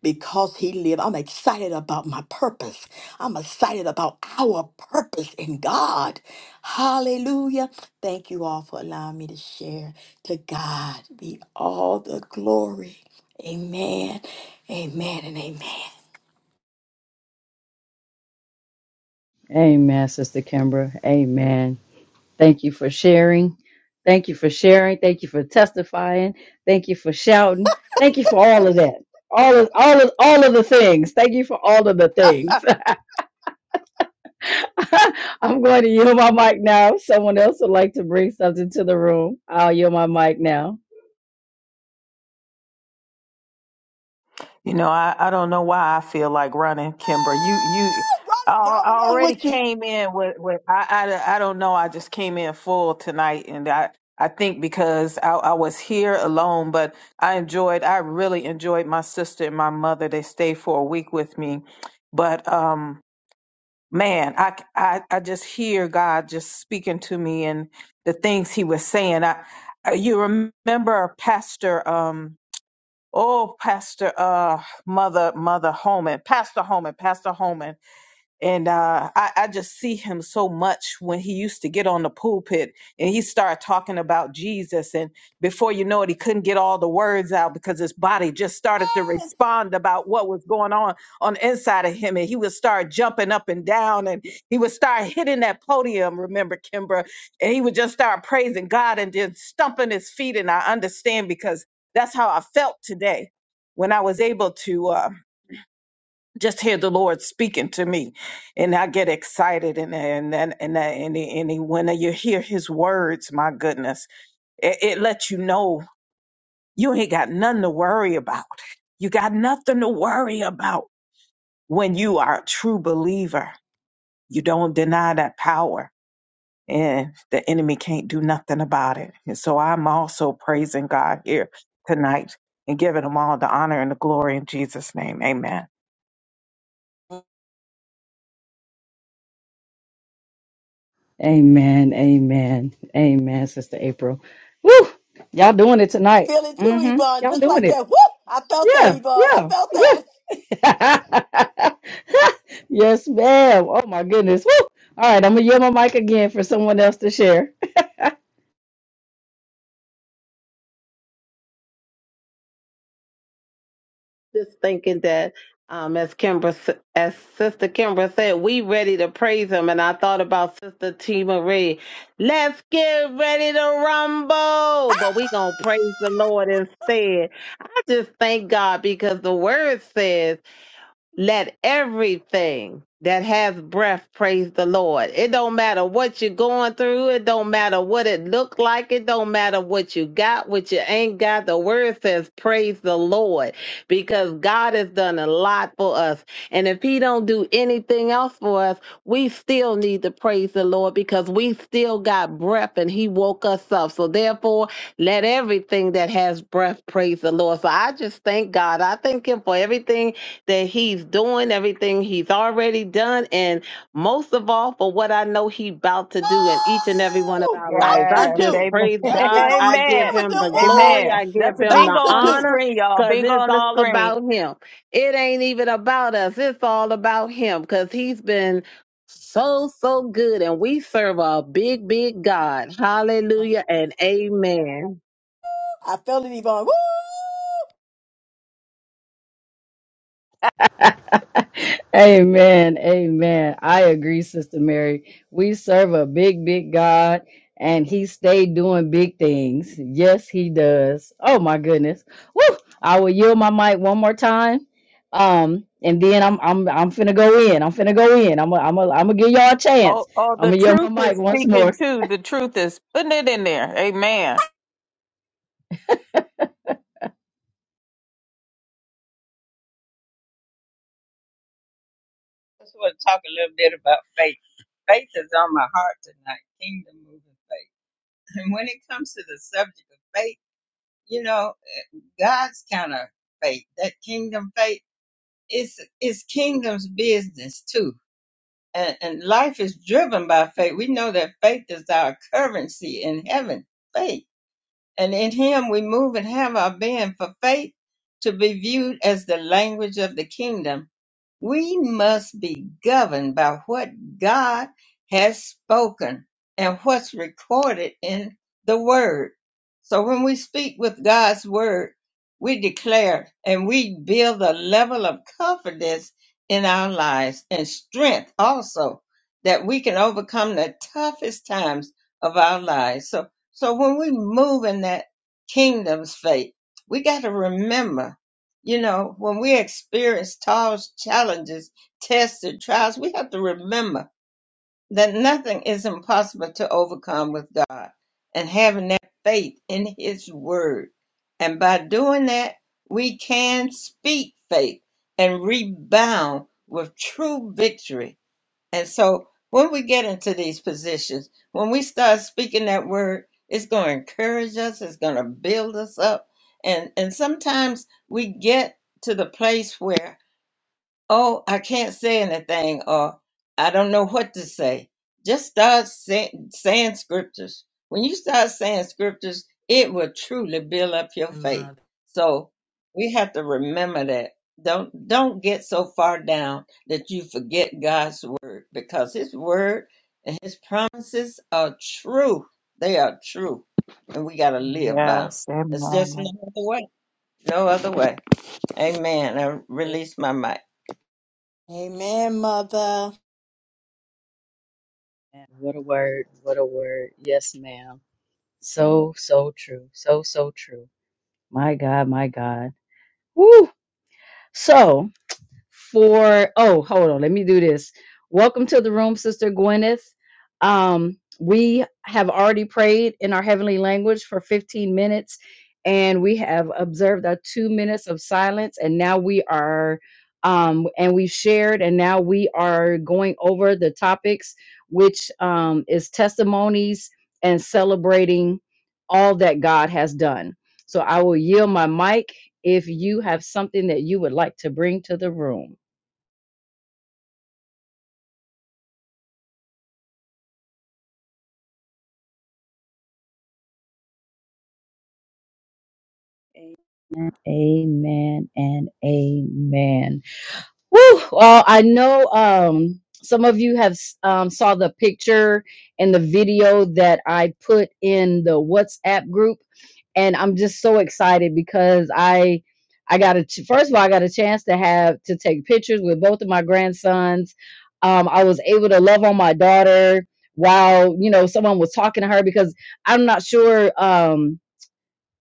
Speaker 4: because He lived. I'm excited about my purpose. I'm excited about our purpose in God. Hallelujah. Thank you all for allowing me to share. To God be all the glory. Amen. Amen and amen.
Speaker 1: Amen, Sister Kimbra. Amen. Thank you for sharing. Thank you for sharing. Thank you for testifying. Thank you for shouting. Thank you for all of that. All of all of all of the things. Thank you for all of the things. I'm going to yield my mic now. If someone else would like to bring something to the room. I'll yield my mic now.
Speaker 3: You know, I, I don't know why I feel like running, Kimber. You you I,
Speaker 4: Run,
Speaker 3: al-
Speaker 4: run,
Speaker 3: I
Speaker 4: run
Speaker 3: already
Speaker 4: with you.
Speaker 3: came in with, with I, I I don't know. I just came in full tonight and I I think because I, I was here alone, but I enjoyed I really enjoyed my sister and my mother. They stayed for a week with me. But um man, I, I I just hear God just speaking to me and the things He was saying. I I- you remember Pastor um oh Pastor uh Mother Mother Holman Pastor Holman Pastor Holman and uh, I, I just see him so much when he used to get on the pulpit and he started talking about Jesus. And before you know it, he couldn't get all the words out because his body just started to
Speaker 4: Yes.
Speaker 3: respond about what was going on on the inside of him. And he would start jumping up and down and he would start hitting that podium, remember, Kimbra? And he would just start praising God and then stumping his feet. And I understand because that's how I felt today when I was able to. Uh, just hear the Lord speaking to me, and I get excited. And and and and, and, and, and when you hear His words, my goodness, it, it lets you know you ain't got nothing to worry about. You got nothing to worry about when you are a true believer. You don't deny that power, and the enemy can't do nothing about it. And so I'm also praising God here tonight and giving Him all the honor and the glory in Jesus' name. Amen.
Speaker 1: Amen. Amen. Amen, Sister April. Woo! Y'all doing it tonight.
Speaker 4: Feel it too,
Speaker 1: Mm-hmm.
Speaker 4: Yvonne.
Speaker 1: Y'all
Speaker 4: Just like
Speaker 1: doing it.
Speaker 4: that. Whoop! I felt that,
Speaker 1: Yeah,
Speaker 4: Yvonne. I
Speaker 1: yeah,
Speaker 4: felt that.
Speaker 1: yeah. yes, ma'am. Oh my goodness. Woo! All right, I'm gonna yield my mic again for someone else to share.
Speaker 6: Just thinking that, um, as Kimbra, s- as Sister Kimbra said, we ready to praise Him, and I thought about Sister T Marie. Let's get ready to rumble, but we gonna praise the Lord instead. I just thank God because the Word says. Let everything that has breath praise the Lord. It don't matter what you're going through. It don't matter what it looked like. It don't matter what you got, what you ain't got. The word says praise the Lord because God has done a lot for us. And if he don't do anything else for us, we still need to praise the Lord because we still got breath and he woke us up. So therefore, let everything that has breath praise the Lord. So I just thank God. I thank him for everything that he's doing everything he's already done and most of all for what i know he about to do in each and every one of
Speaker 4: Oh,
Speaker 6: our
Speaker 4: about
Speaker 6: lives i
Speaker 4: to
Speaker 3: Yes,
Speaker 6: just
Speaker 4: do.
Speaker 3: amen,
Speaker 6: praise
Speaker 4: There she
Speaker 6: god
Speaker 4: go
Speaker 6: i
Speaker 4: again
Speaker 6: give
Speaker 3: amen,
Speaker 4: with
Speaker 6: him
Speaker 4: them
Speaker 6: the glory
Speaker 4: words.
Speaker 3: amen.
Speaker 6: i give
Speaker 3: That's a
Speaker 6: him
Speaker 4: About
Speaker 3: bingo
Speaker 6: the
Speaker 4: to
Speaker 3: on the
Speaker 4: do.
Speaker 6: honor
Speaker 3: screen, y'all.
Speaker 6: because
Speaker 3: Bingo
Speaker 6: it's
Speaker 3: on the
Speaker 6: all
Speaker 3: screen.
Speaker 6: about him it ain't even about us it's all about him because he's been so so good and we serve a big big god hallelujah and amen
Speaker 4: I felt it, Yvonne.
Speaker 1: Amen. Amen. I agree, Sister Mary. We serve a big, big God and he stayed doing big things. Yes, he does. Oh my goodness. Woo! I will yield my mic one more time. Um, and then I'm I'm I'm finna go in. I'm finna go in. I'm i I'm i am I'm gonna give y'all a
Speaker 3: Oh,
Speaker 1: chance.
Speaker 3: oh,
Speaker 1: I'm
Speaker 3: the
Speaker 1: gonna yield my
Speaker 3: truth is
Speaker 1: mic once
Speaker 3: speaking
Speaker 1: more.
Speaker 3: too. The truth is putting it in there. Amen.
Speaker 5: Just want to talk a little bit about faith. Faith is on my heart tonight, kingdom moving faith. And when it comes to the subject of faith, you know, God's kind of faith, that kingdom faith, it's, it's kingdom's business too. And, and life is driven by faith. We know that faith is our currency in heaven, faith. And in Him we move and have our being for faith to be viewed as the language of the kingdom we must be governed by what God has spoken and what's recorded in the Word. So when we speak with God's Word, we declare and we build a level of confidence in our lives and strength also that we can overcome the toughest times of our lives. So, so when we move in that kingdom's faith, we got to remember you know, when we experience trials, challenges, tests, and trials, we have to remember that nothing is impossible to overcome with God and having that faith in His Word. And by doing that, we can speak faith and rebound with true victory and so when we get into these positions, when we start speaking that word, it's going to encourage us, it's going to build us up. And and sometimes we get to the place where oh, I can't say anything, or I don't know what to say. Just start say, saying scriptures. When you start saying scriptures, it will truly build up your
Speaker 4: Woo!
Speaker 5: faith. So we have to remember that. Don't don't get so far down that you forget God's word because His word and His promises are true. They are true, and we got to live by. 'em.
Speaker 3: Yes,
Speaker 5: It's just no
Speaker 3: amen.
Speaker 5: other way. No other way. Amen. I release my mic.
Speaker 4: Amen, mother.
Speaker 1: Man, What a word, what a word. Yes, ma'am. So, so true. So, so true. My God, my God. Woo! for oh hold on let me do this welcome to the room sister gwyneth um we have already prayed in our heavenly language for 15 minutes and we have observed our two minutes of silence and now we are um and we've shared and now we are going over the topics which um is testimonies and celebrating all that god has done so i will yield my mic if you have something that you would like to bring to the room. Amen and amen. Woo! Well, I know um, some of you have s- um, saw the picture and the video that I put in the WhatsApp group, and I'm just so excited because I I got a ch- first of all I got a chance to have to take pictures with both of my grandsons. Um, I was able to love on my daughter while you know someone was talking to her because I'm not sure. Um,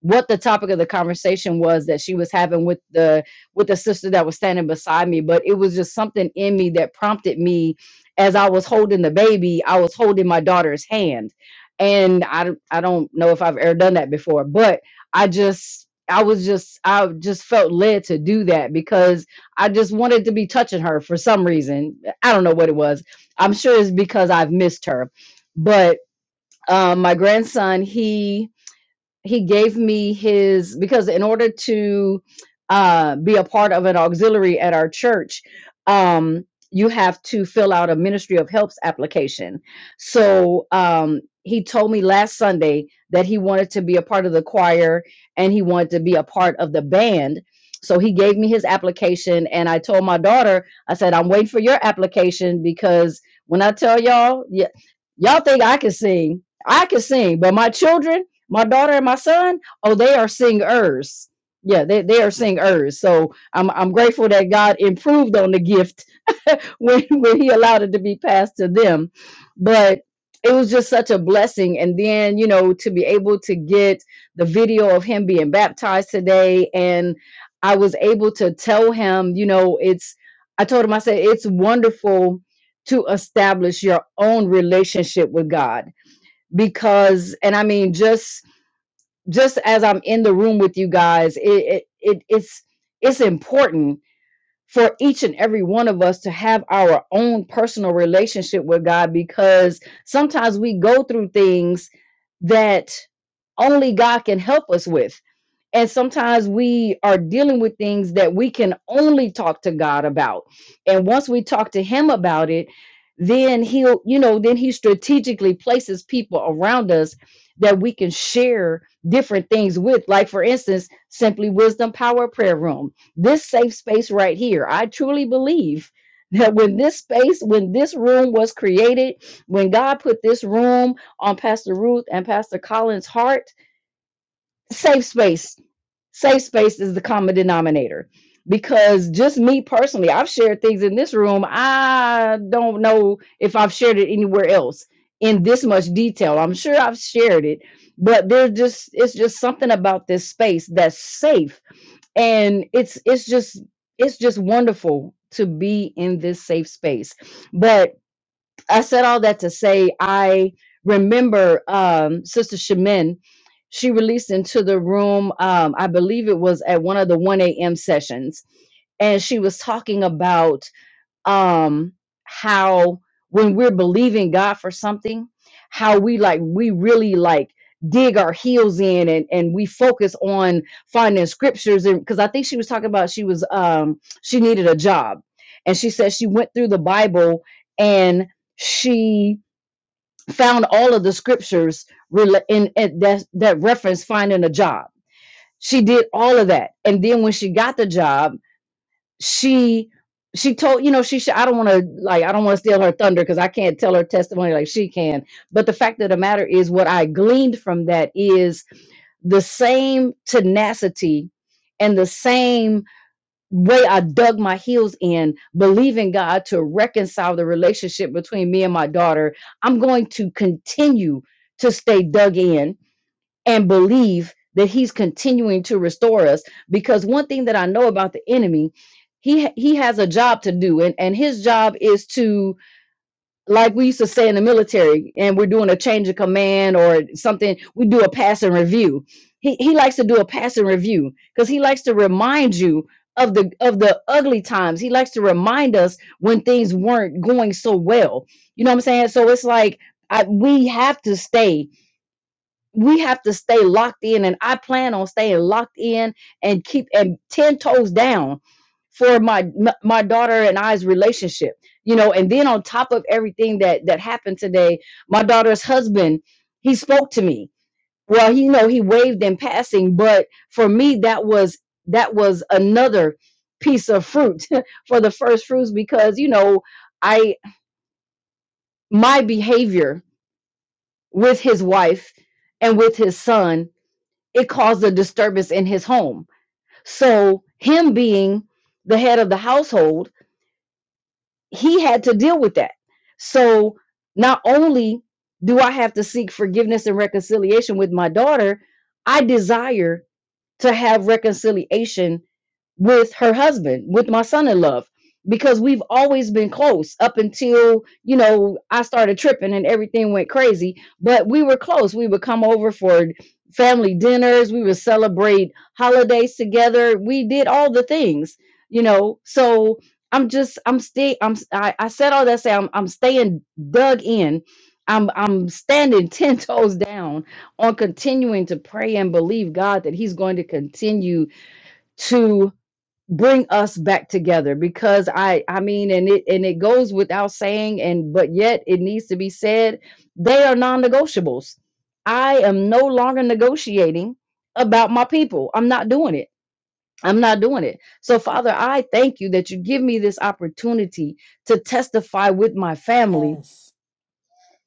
Speaker 1: what the topic of the conversation was that she was having with the with the sister that was standing beside me but it was just something in me that prompted me as i was holding the baby i was holding my daughter's hand and i don't- i don't know if i've ever done that before but i just I was just I just felt led to do that because I just wanted to be touching her for some reason. I don't know what it was. I'm sure it's because I've missed her. But um my grandson, he he gave me his because in order to uh, be a part of an auxiliary at our church um, you have to fill out a ministry of helps application so um, he told me last sunday that he wanted to be a part of the choir and he wanted to be a part of the band so he gave me his application and i told my daughter i said i'm waiting for your application because when i tell y'all y- y'all think i can sing i can sing but my children my daughter and my son, oh, they are singers. Yeah, they, they are singers. So I'm I'm grateful that God improved on the gift when, when he allowed it to be passed to them. But it was just such a blessing. And then, you know, to be able to get the video of him being baptized today. And I was able to tell him, you know, it's I told him, I said, it's wonderful to establish your own relationship with God. Because, and I mean, just just as I'm in the room with you guys, it, it, it it's it's important for each and every one of us to have our own personal relationship with God because sometimes we go through things that only God can help us with. And sometimes we are dealing with things that we can only talk to God about. And once we talk to Him about it, then He'll, you know, then He strategically places people around us that we can share different things with. Like, for instance, Simply Wisdom Power Prayer Room. This safe space right here, I truly believe that when this space, when this room was created, when God put this room on Pastor Ruth and Pastor Collins' heart, safe space, safe space is the common denominator. Because just me personally, I've shared things in this room. I don't know if I've shared it anywhere else in this much detail. I'm sure I've shared it, but there's just it's just something about this space that's safe and it's it's just it's just wonderful to be in this safe space but i said all that to say i remember um sister shemin she released into the room um i believe it was at one of the 1 a.m sessions and she was talking about um how when we're believing God for something, how we like we really like dig our heels in and and we focus on finding scriptures and because I think she was talking about she was um she needed a job and she said she went through the Bible and she found all of the scriptures rela- in, in that that reference finding a job. She did all of that and then when she got the job she she told you know she sh- i don't want to like i don't want to steal her thunder because i can't tell her testimony like she can but the fact of the matter is what i gleaned from that is the same tenacity and the same way i dug my heels in believing god to reconcile the relationship between me and my daughter i'm going to continue to stay dug in and believe that he's continuing to restore us because one thing that i know about the enemy he ha- he has a job to do and and his job is to like we used to say in the military and we're doing a change of command or something we do a pass and review he he likes to do a pass and review cuz he likes to remind you of the of the ugly times he likes to remind us when things weren't going so well you know what i'm saying so it's like I, we have to stay we have to stay locked in and i plan on staying locked in and keep and 10 toes down for my m- my daughter and i's relationship you know and then on top of everything that that happened today my daughter's husband he spoke to me well he you know he waved in passing but for me that was that was another piece of fruit for the first fruits because you know i my behavior with his wife and with his son it caused a disturbance in his home. So, him being the head of the household, he had to deal with that. So, not only do I have to seek forgiveness and reconciliation with my daughter, I desire to have reconciliation with her husband, with my son in love, because we've always been close up until, you know, I started tripping and everything went crazy. But we were close. We would come over for family dinners, we would celebrate holidays together. We did all the things, you know. So I'm just I'm stay I'm I, I said all that say I'm I'm staying dug in. I'm I'm standing ten toes down on continuing to pray and believe God that He's going to continue to bring us back together because i i mean and it and it goes without saying and but yet it needs to be said they are non-negotiables i am no longer negotiating about my people i'm not doing it i'm not doing it so father i thank you that you give me this opportunity to testify with my family
Speaker 4: Yes.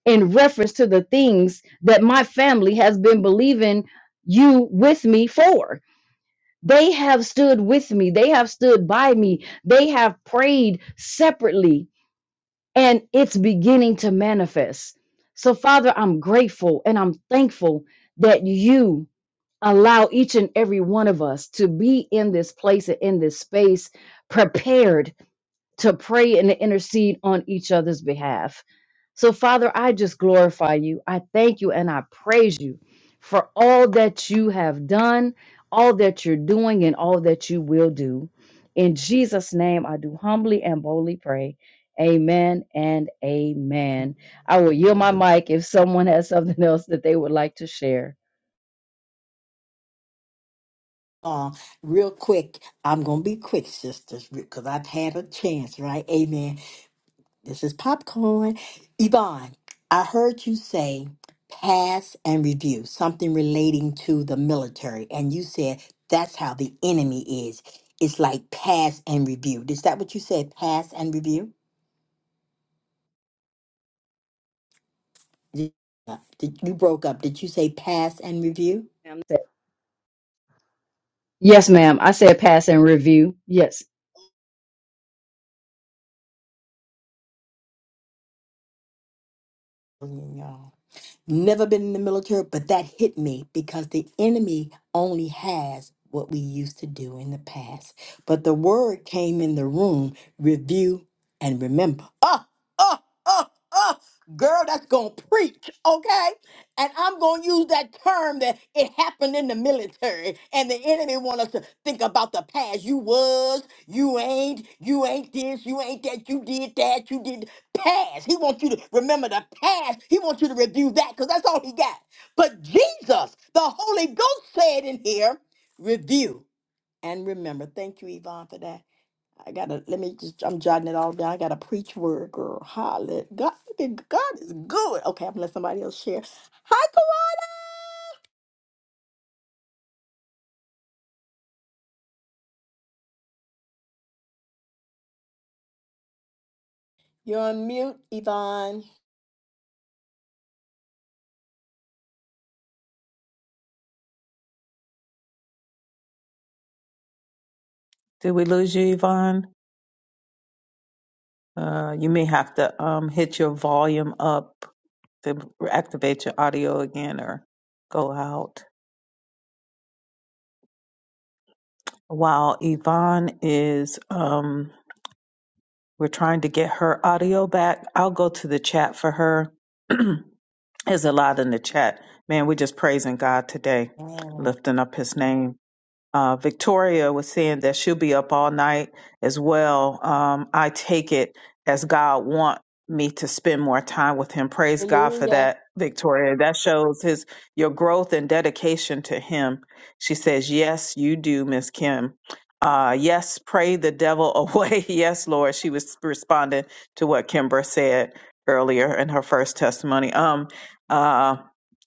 Speaker 1: in reference to the things that my family has been believing you with me for they have stood with me. They have stood by me. They have prayed separately, and it's beginning to manifest. So, Father, I'm grateful and I'm thankful that you allow each and every one of us to be in this place and in this space prepared to pray and to intercede on each other's behalf. So, Father, I just glorify you. I thank you and I praise you for all that you have done, all that you're doing, and all that you will do. In Jesus' name, I do humbly and boldly pray. Amen and amen. I will yield my mic if someone has something else that they would like to share.
Speaker 4: Uh, real quick, I'm gonna be quick, sisters, because I've had a chance, right? Amen. This is popcorn. Yvonne, I heard you say pass and review, something relating to the military, and you said that's how the enemy is. It's like pass and review. Is that what you said? Pass and review? Did, uh, did you broke up? Did you say pass and review?
Speaker 1: Ma'am. Yes, ma'am. I said pass and review. Yes.
Speaker 4: No. never been in the military, but that hit me because the enemy only has what we used to do in the past. But the word came in the room review and remember. Oh, oh, oh, oh, girl, that's going to preach, okay? And I'm going to use that term that it happened in the military and the enemy want us to think about the past. You was, you ain't, you ain't this, you ain't that, you did that, you did past. He wants you to remember the past. He wants you to review that because that's all he got. But Jesus, the Holy Ghost said in here, review and remember. Thank you, Yvonne, for that. I gotta let me just I'm jotting it all down. I gotta preach word, girl. Holla. God, God is good. Okay, I'm gonna let somebody else share. Hi, Kawan. You're on mute, Yvonne.
Speaker 3: Did we lose you, Yvonne? Uh, you may have to um hit your volume up to activate your audio again, or go out. While Yvonne is um, we're trying to get her audio back. I'll go to the chat for her. There's a lot in the chat. Man, we're just praising God today, lifting up his name uh, Victoria was saying that she'll be up all night as well. Um, I take it as God want me to spend more time with Him. Praise God for
Speaker 4: Hallelujah.
Speaker 3: that, Victoria. That shows His your growth and dedication to Him. She says, "Yes, you do, Miss Kim." Uh, yes, pray the devil away. yes, Lord. She was responding to what Kimber said earlier in her first testimony. Um, uh,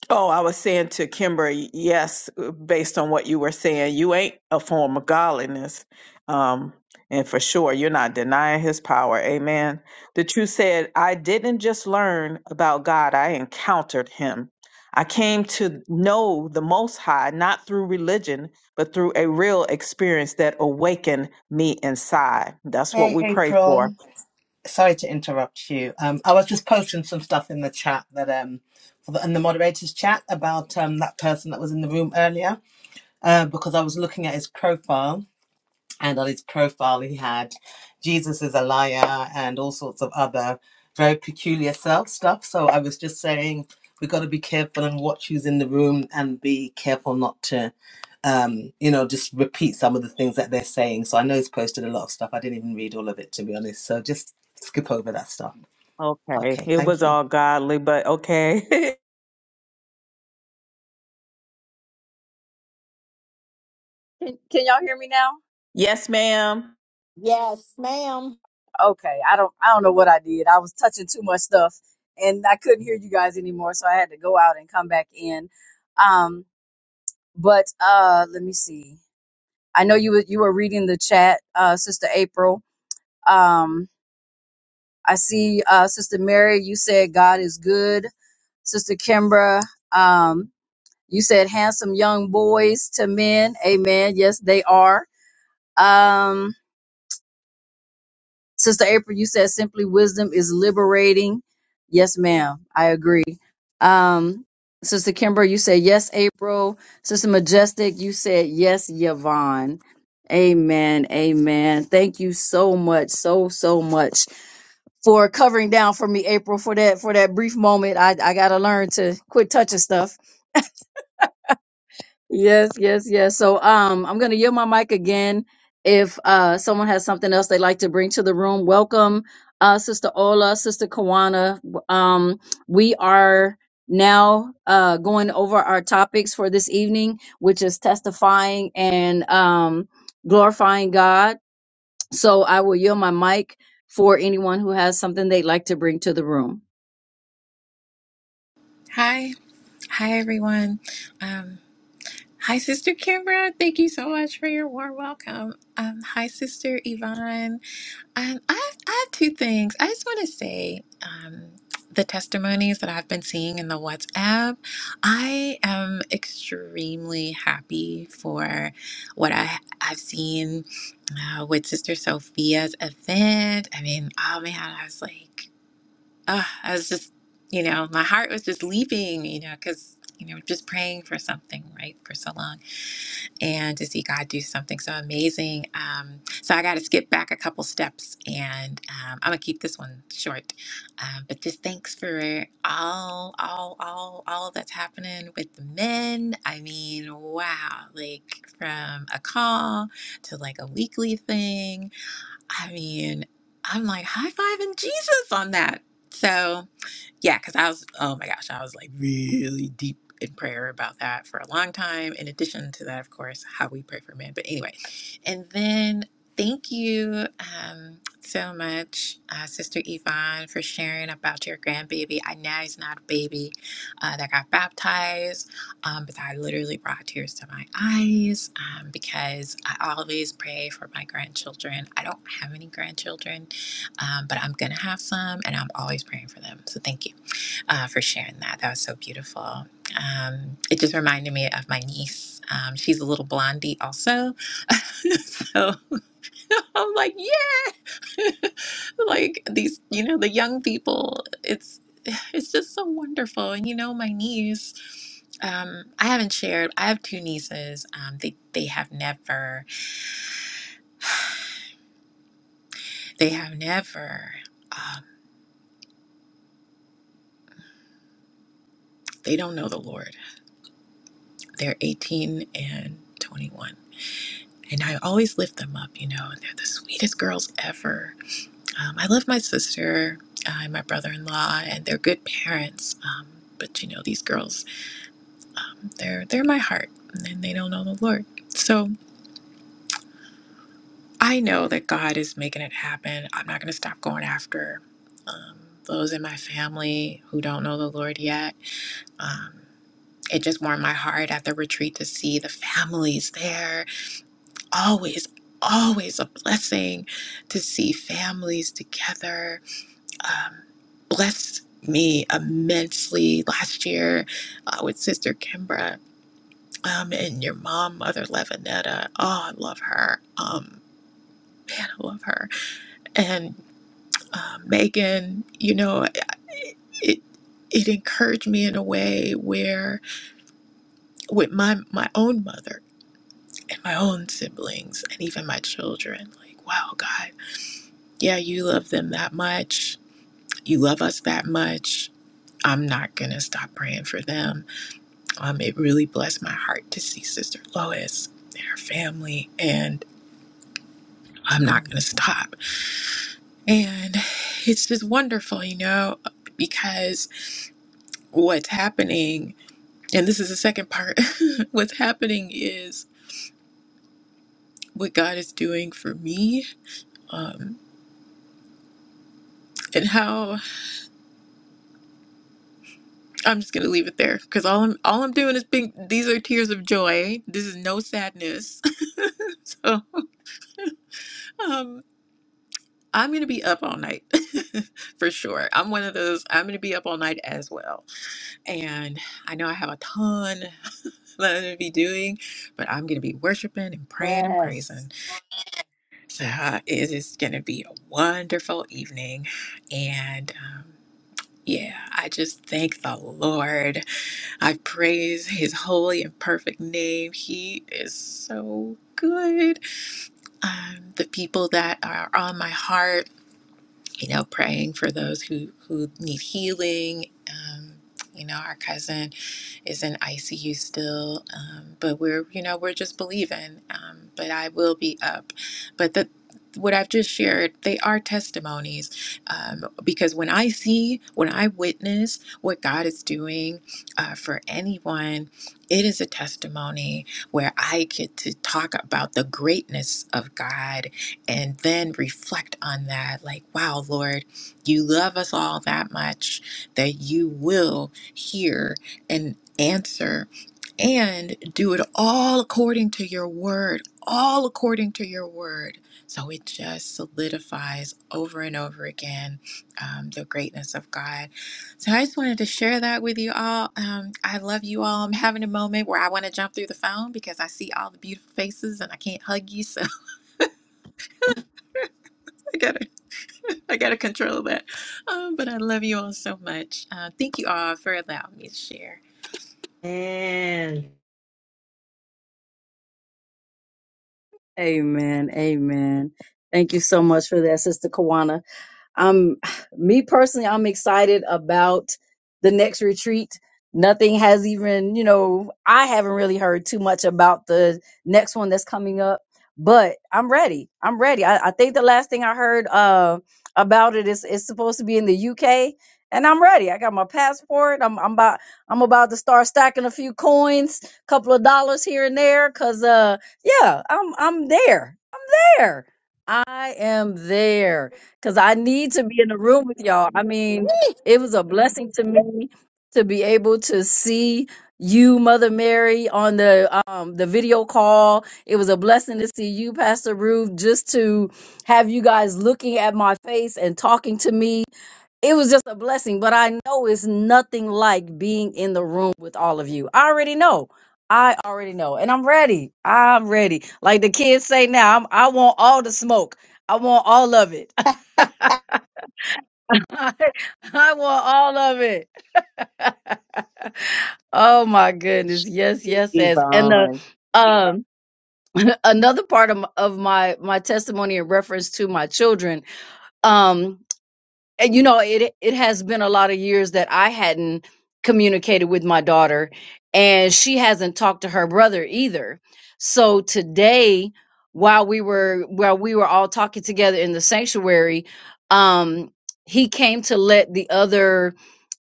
Speaker 3: Oh, I was saying to Kimber, yes, uh, based on what you were saying, you ain't a form of godliness. Um, and for sure, you're not denying his power. Amen. The truth said, I didn't just learn about God, I encountered him. I came to know the Most High, not through religion, but through a real experience that awakened me inside. That's what
Speaker 7: Hey,
Speaker 3: we pray
Speaker 7: April.
Speaker 3: for.
Speaker 7: Sorry to interrupt you. Um, I was just posting some stuff in the chat that um, for the, in the moderators chat about um that person that was in the room earlier. Uh, because I was looking at his profile and on his profile he had jesus is a liar and all sorts of other very peculiar self stuff so i was just saying we got to be careful and watch who's in the room and be careful not to um you know just repeat some of the things that they're saying so i know he's posted a lot of stuff i didn't even read all of it to be honest so just skip over that stuff
Speaker 3: Okay.
Speaker 7: okay
Speaker 3: It was
Speaker 7: thank you
Speaker 3: all godly, but okay.
Speaker 1: Can y'all hear me now?
Speaker 3: yes, ma'am.
Speaker 4: Yes, ma'am.
Speaker 1: Okay, I don't I don't know what I did. I was touching too much stuff and I couldn't hear you guys anymore, so I had to go out and come back in. Um, but uh let me see. I know you were you were reading the chat, uh Sister April. Um, I see uh, Sister Mary, you said God is good. Sister Kimbra, um, you said handsome young boys to men. Amen. Yes, they are. Um, Sister April, you said simply wisdom is liberating. Yes, ma'am. I agree. Um, Sister Kimber, you said yes, April. Sister Majestic, you said yes, Yvonne. Amen. Amen. Thank you so much, so, so much for covering down for me, April, for that for that brief moment. I, I gotta learn to quit touching stuff. Yes, yes, yes. So um I'm gonna yield my mic again. If uh someone has something else they'd like to bring to the room, welcome uh Sister Ola, Sister Kawana. Um we are now uh going over our topics for this evening, which is testifying and um glorifying God. So I will yield my mic for anyone who has something they'd like to bring to the room.
Speaker 8: Hi. Hi, everyone. Um, hi, Sister Kimbra. Thank you so much for your warm welcome. Um, hi, Sister Yvonne. Um, I, have, I have two things. I just want to say um, the testimonies that I've been seeing in the WhatsApp. I am extremely happy for what I, I've seen uh, with Sister Sophia's event. I mean, oh man, I was like, uh, I was just, you know, my heart was just leaping, you know, because, you know, just praying for something, right, for so long and to see God do something so amazing. Um, so I got to skip back a couple steps and um, I'm going to keep this one short. Um, but just thanks for all, all, all, all that's happening with the men. I mean, wow, like from a call to like a weekly thing. I mean, I'm like high fiving Jesus on that. So, yeah, because I was, oh my gosh, I was like really deep in prayer about that for a long time. In addition to that, of course, how we pray for men. But anyway, and then thank you um, so much, uh, Sister Yvonne, for sharing about your grandbaby. I know he's not a baby uh, that got baptized, um, but that literally brought tears to my eyes um, because I always pray for my grandchildren. I don't have any grandchildren, um, but I'm going to have some and I'm always praying for them. So thank you uh, for sharing that. That was so beautiful. Um, it just reminded me of my niece. Um, she's a little blondie, also. so I'm like, yeah, like these, you know, the young people. It's it's just so wonderful. And you know, my niece. Um, I haven't shared. I have two nieces. Um, they they have never. They have never. Um, they don't know the Lord. They're 18 and 21 and I always lift them up. You know, they're the sweetest girls ever. Um, I love my sister uh, and my brother-in-law, and they're good parents. Um, but you know, these girls, um, they're they're my heart, and they don't know the Lord. So I know that God is making it happen. I'm not going to stop going after um, those in my family who don't know the Lord yet. Um, it just warmed my heart at the retreat to see the families there always, always a blessing to see families together. Um, blessed me immensely last year uh, with Sister Kimbra um, and your mom, Mother Levinetta. Oh, I love her. Um, man, I love her. And uh, Megan, you know, it it it encouraged me in a way where with my my own mother and my own siblings and even my children like wow god yeah, you love them that much. You love us that much. I'm not going to stop praying for them. Um, it really blessed my heart to see Sister Lois and her family, and I'm not going to stop. And it's just wonderful, you know, because what's happening, and this is the second part, what's happening is what God is doing for me um, and how. I'm just gonna leave it there because all I'm all I'm doing is being these are tears of joy. This is no sadness. so um I'm gonna be up all night for sure. I'm one of those I'm gonna be up all night as well. And I know I have a ton that I'm gonna be doing, but I'm gonna be worshiping and praying and
Speaker 4: Yes.
Speaker 8: praising. So uh, it is gonna be a wonderful evening. And um yeah, I just thank the Lord I praise his holy and perfect name. He is so good. Um, the people that are on my heart, you know, praying for those who, who need healing, um, you know, our cousin is in ICU still. Um, but we're, you know, we're just believing. Um, but I will be up. But the what I've just shared, they are testimonies um, because when I see, when I witness what God is doing uh, for anyone, it is a testimony where I get to talk about the greatness of God and then reflect on that like, wow, Lord, you love us all that much that you will hear. and answer and do it all according to your word, all according to your word. So it just solidifies over and over again um, the greatness of God. So I just wanted to share that with you all. Um, I love you all. I'm having a moment where I want to jump through the phone because I see all the beautiful faces and I can't hug you, so I gotta, I gotta control that. Um, but I love you all so much. Uh, thank you all for allowing me to share.
Speaker 1: Amen. Amen. Thank you so much for that, Sister Kawana. I'm me personally, I'm excited about the next retreat. Nothing has even, you know, I haven't really heard too much about the next one that's coming up, but I'm ready. I'm ready. I, I think the last thing I heard uh about it is it's supposed to be in the UK and I'm ready. I got my passport. I'm I'm about I'm about to start stacking a few coins, couple of dollars here and there cuz uh yeah, I'm I'm there there. I am there because I need to be in the room with y'all. I mean, it was a blessing to me to be able to see you, Mother Mary, on the um the video call. It was a blessing to see you, Pastor Ruth, just to have you guys looking at my face and talking to me it was just a blessing, but I know it's nothing like being in the room with all of you. I already know. I already know. And I'm ready. I'm ready. Like the kids say now, I'm, I want all the smoke. I want all of it. I want all of it. oh my goodness. Yes, yes, yes. And the
Speaker 6: yvonne
Speaker 1: um another part of, my- of my my testimony in reference to my children. Um and, you know it it has been a lot of years that I hadn't communicated with my daughter and she hasn't talked to her brother either. So today while we were while we were all talking together in the sanctuary um he came to let the other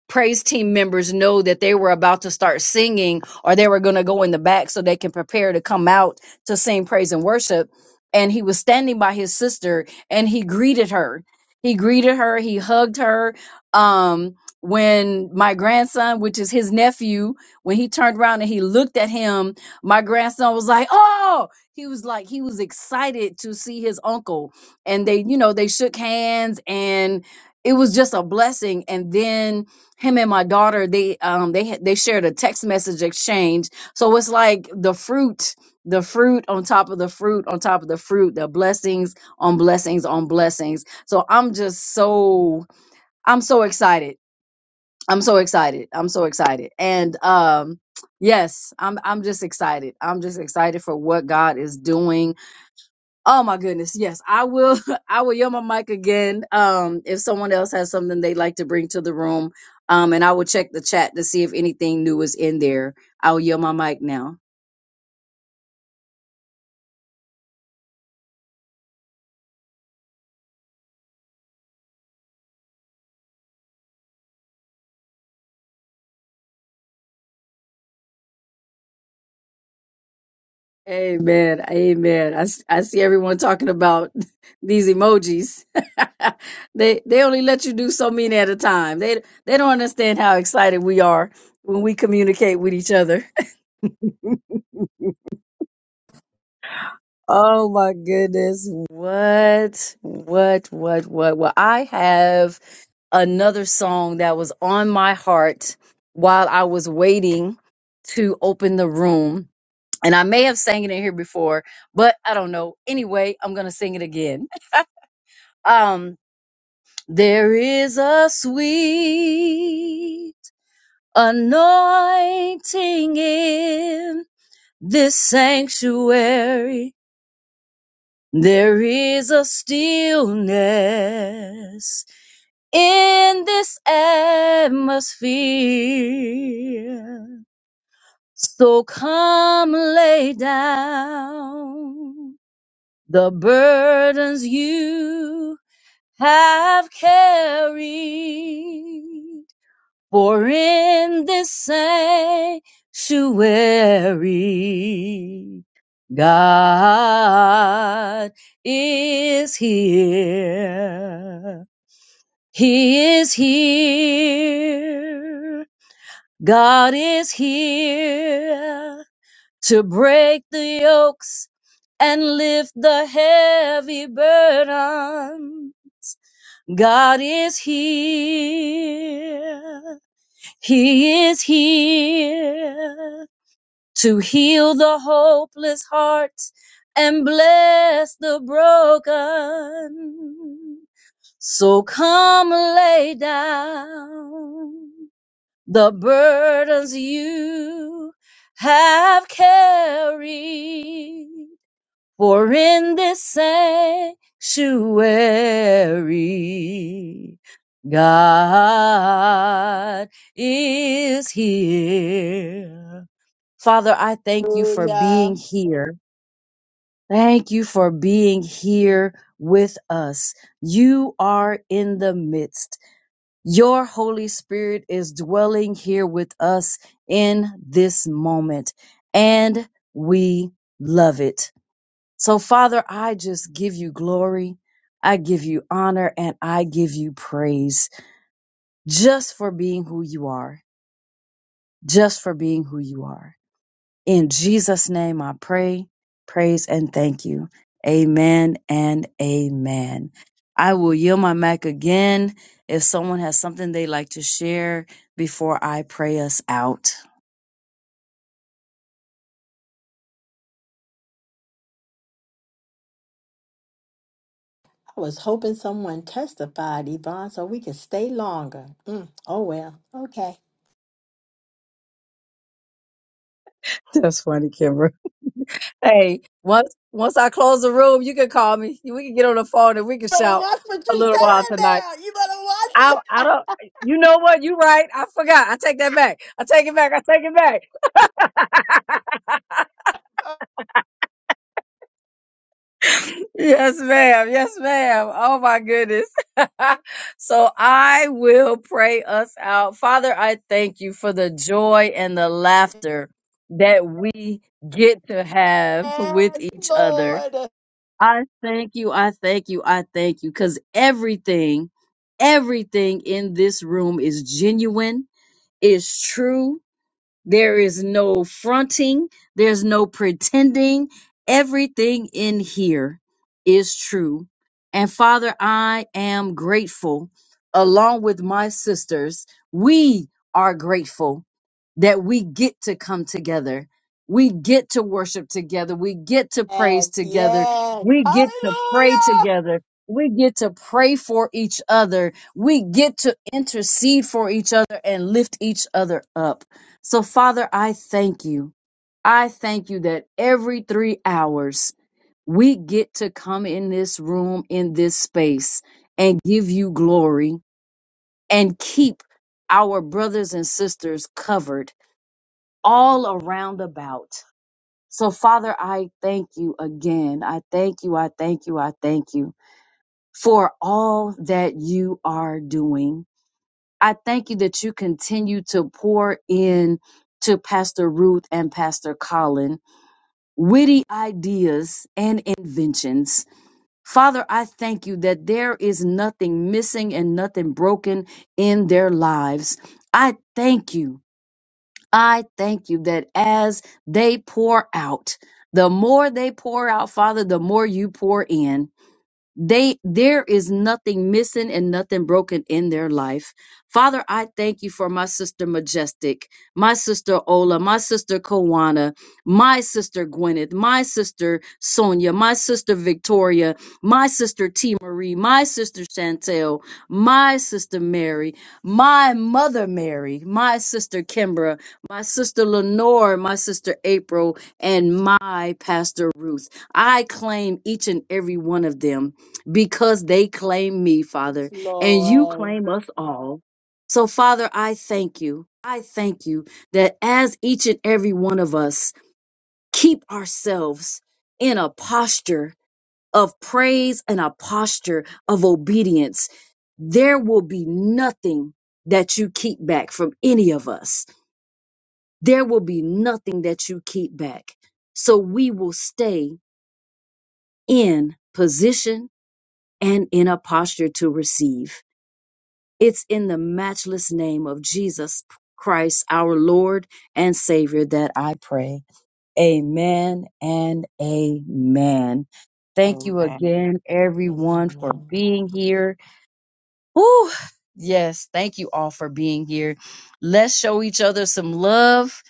Speaker 1: praise team members know that they were about to start singing or they were going to go in the back so they can prepare to come out to sing praise and worship. And he was standing by his sister and he greeted her. He greeted her, he hugged her. Um, when my grandson, which is his nephew, when he turned around and he looked at him, my grandson was like, Oh, he was like, he was excited to see his uncle. And they, you know, they shook hands and it was just a blessing. And then him and my daughter they um they had- they shared a text message exchange so it's like the fruit the fruit on top of the fruit on top of the fruit the blessings on blessings on blessings so i'm just so i'm so excited i'm so excited i'm so excited and um yes i'm i'm just excited i'm just excited for what god is doing Oh my goodness. Yes, I will I will yell my mic again. Um if someone else has something they'd like to bring to the room. Um and I will check the chat to see if anything new is in there. I'll yell my mic now. Amen. Amen. I, s- I see everyone talking about these emojis. they they only let you do so many at a time. They they don't understand how excited we are when we communicate with each other. Oh my goodness. What? What? What? What? Well, I have another song that was on my heart while I was waiting to open the room. And I may have sang it in here before, but I don't know. Anyway, I'm going to sing it again. Um, there is a sweet anointing in this sanctuary There is a stillness in this atmosphere. So come lay down the burdens you have carried. For in this sanctuary, God is here. He is here. God is here to break the yokes and lift the heavy burden. God is here. He is here to heal the hopeless heart and bless the broken. So come lay down the burdens you have carried for in this sanctuary, God is here. Father, I thank you for
Speaker 4: Hallelujah.
Speaker 1: being here. Thank you for being here with us. You are in the midst. Your Holy Spirit is dwelling here with us in this moment, and we love it. So, Father, I just give you glory. I give you honor and I give you praise just for being who you are, just for being who you are. In Jesus' name, I pray, praise, and thank you. Amen and amen. I will yield my mic again if someone has something they'd like to share before I pray us out.
Speaker 4: I was hoping someone testified, Yvonne, so we could stay longer. Mm, oh well. Okay.
Speaker 1: That's funny, Kimber. Hey, once once I close the room, you can call me. We can get on the phone and we can
Speaker 4: Better
Speaker 1: shout
Speaker 4: watch what you're
Speaker 1: a little while
Speaker 4: saying
Speaker 1: tonight.
Speaker 4: now. You better watch
Speaker 1: I
Speaker 4: it.
Speaker 1: I don't. You know what? You right. I forgot. I take that back. I take it back. I take it back. Yes, ma'am. Yes, ma'am. Oh my goodness. so I will pray us out, Father. I thank you for the joy and the laughter that we get to have with
Speaker 4: Yes,
Speaker 1: each other.
Speaker 4: Lord.
Speaker 1: I thank you. I thank you. I thank you. Because everything, everything in this room is genuine, is true, there is no fronting, there's no pretending. Everything in here is true. And Father, I am grateful, along with my sisters. We are grateful that we get to come together. We get to worship together. We get to
Speaker 4: Yes,
Speaker 1: praise together.
Speaker 4: yes.
Speaker 1: We get to pray
Speaker 4: Hallelujah.
Speaker 1: together. We get to pray for each other. We get to intercede for each other and lift each other up. So, Father, I thank you. I thank you that every three hours we get to come in this room, in this space, and give you glory and keep our brothers and sisters covered all around about. So, Father, I thank you again. I thank you. I thank you. I thank you for all that you are doing. I thank you that you continue to pour in to Pastor Ruth and Pastor Colin witty ideas and inventions. Father, I thank you that there is nothing missing and nothing broken in their lives. I thank you. I thank you that as they pour out, the more they pour out, Father, the more you pour in they there is nothing missing and nothing broken in their life father i thank you for my sister majestic my sister ola my sister kawana my sister gwyneth my sister sonia my sister victoria my sister t marie my sister chantel my sister mary my mother mary my sister kimbra my sister lenore my sister april and my pastor ruth i claim each and every one of them because they claim me,
Speaker 4: Yes,
Speaker 1: Father, and you
Speaker 4: Lord.
Speaker 1: claim us all. So, Father, I thank you. I thank you that as each and every one of us keep ourselves in a posture of praise and a posture of obedience, there will be nothing that you keep back from any of us. There will be nothing that you keep back. So we will stay in position and in a posture to receive. It's in the matchless name of Jesus Christ, our Lord and Savior, that I pray. Amen and amen. Thank you
Speaker 3: Amen.
Speaker 1: again, everyone, for being here. Whew. Yes, thank you all for being here. Let's show each other some love.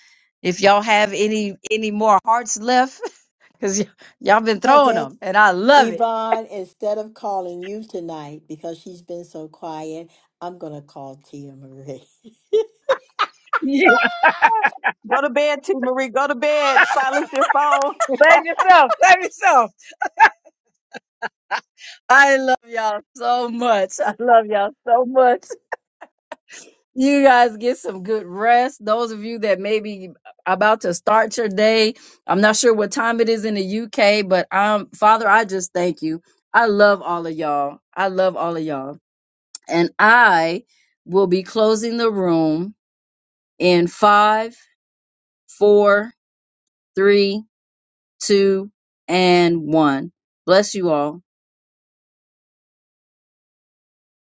Speaker 1: If y'all have any any more hearts left, because y'all been
Speaker 4: Hey,
Speaker 1: throwing
Speaker 4: hey,
Speaker 1: them, and I love it.
Speaker 4: Yvonne, instead of calling you tonight because she's been so quiet, I'm going to call Tia Marie.
Speaker 1: Yeah,
Speaker 3: Go to bed, T. Marie. Go to bed. Silence your phone.
Speaker 1: save yourself. Save yourself. I love y'all so much. I love y'all so much. You guys get some good rest. Those of you that may be about to start your day, I'm not sure what time it is in the UK, but um, Father, I just thank you. I love all of y'all. I love all of y'all. And I will be closing the room in five, four, three, two, and one. Bless you all.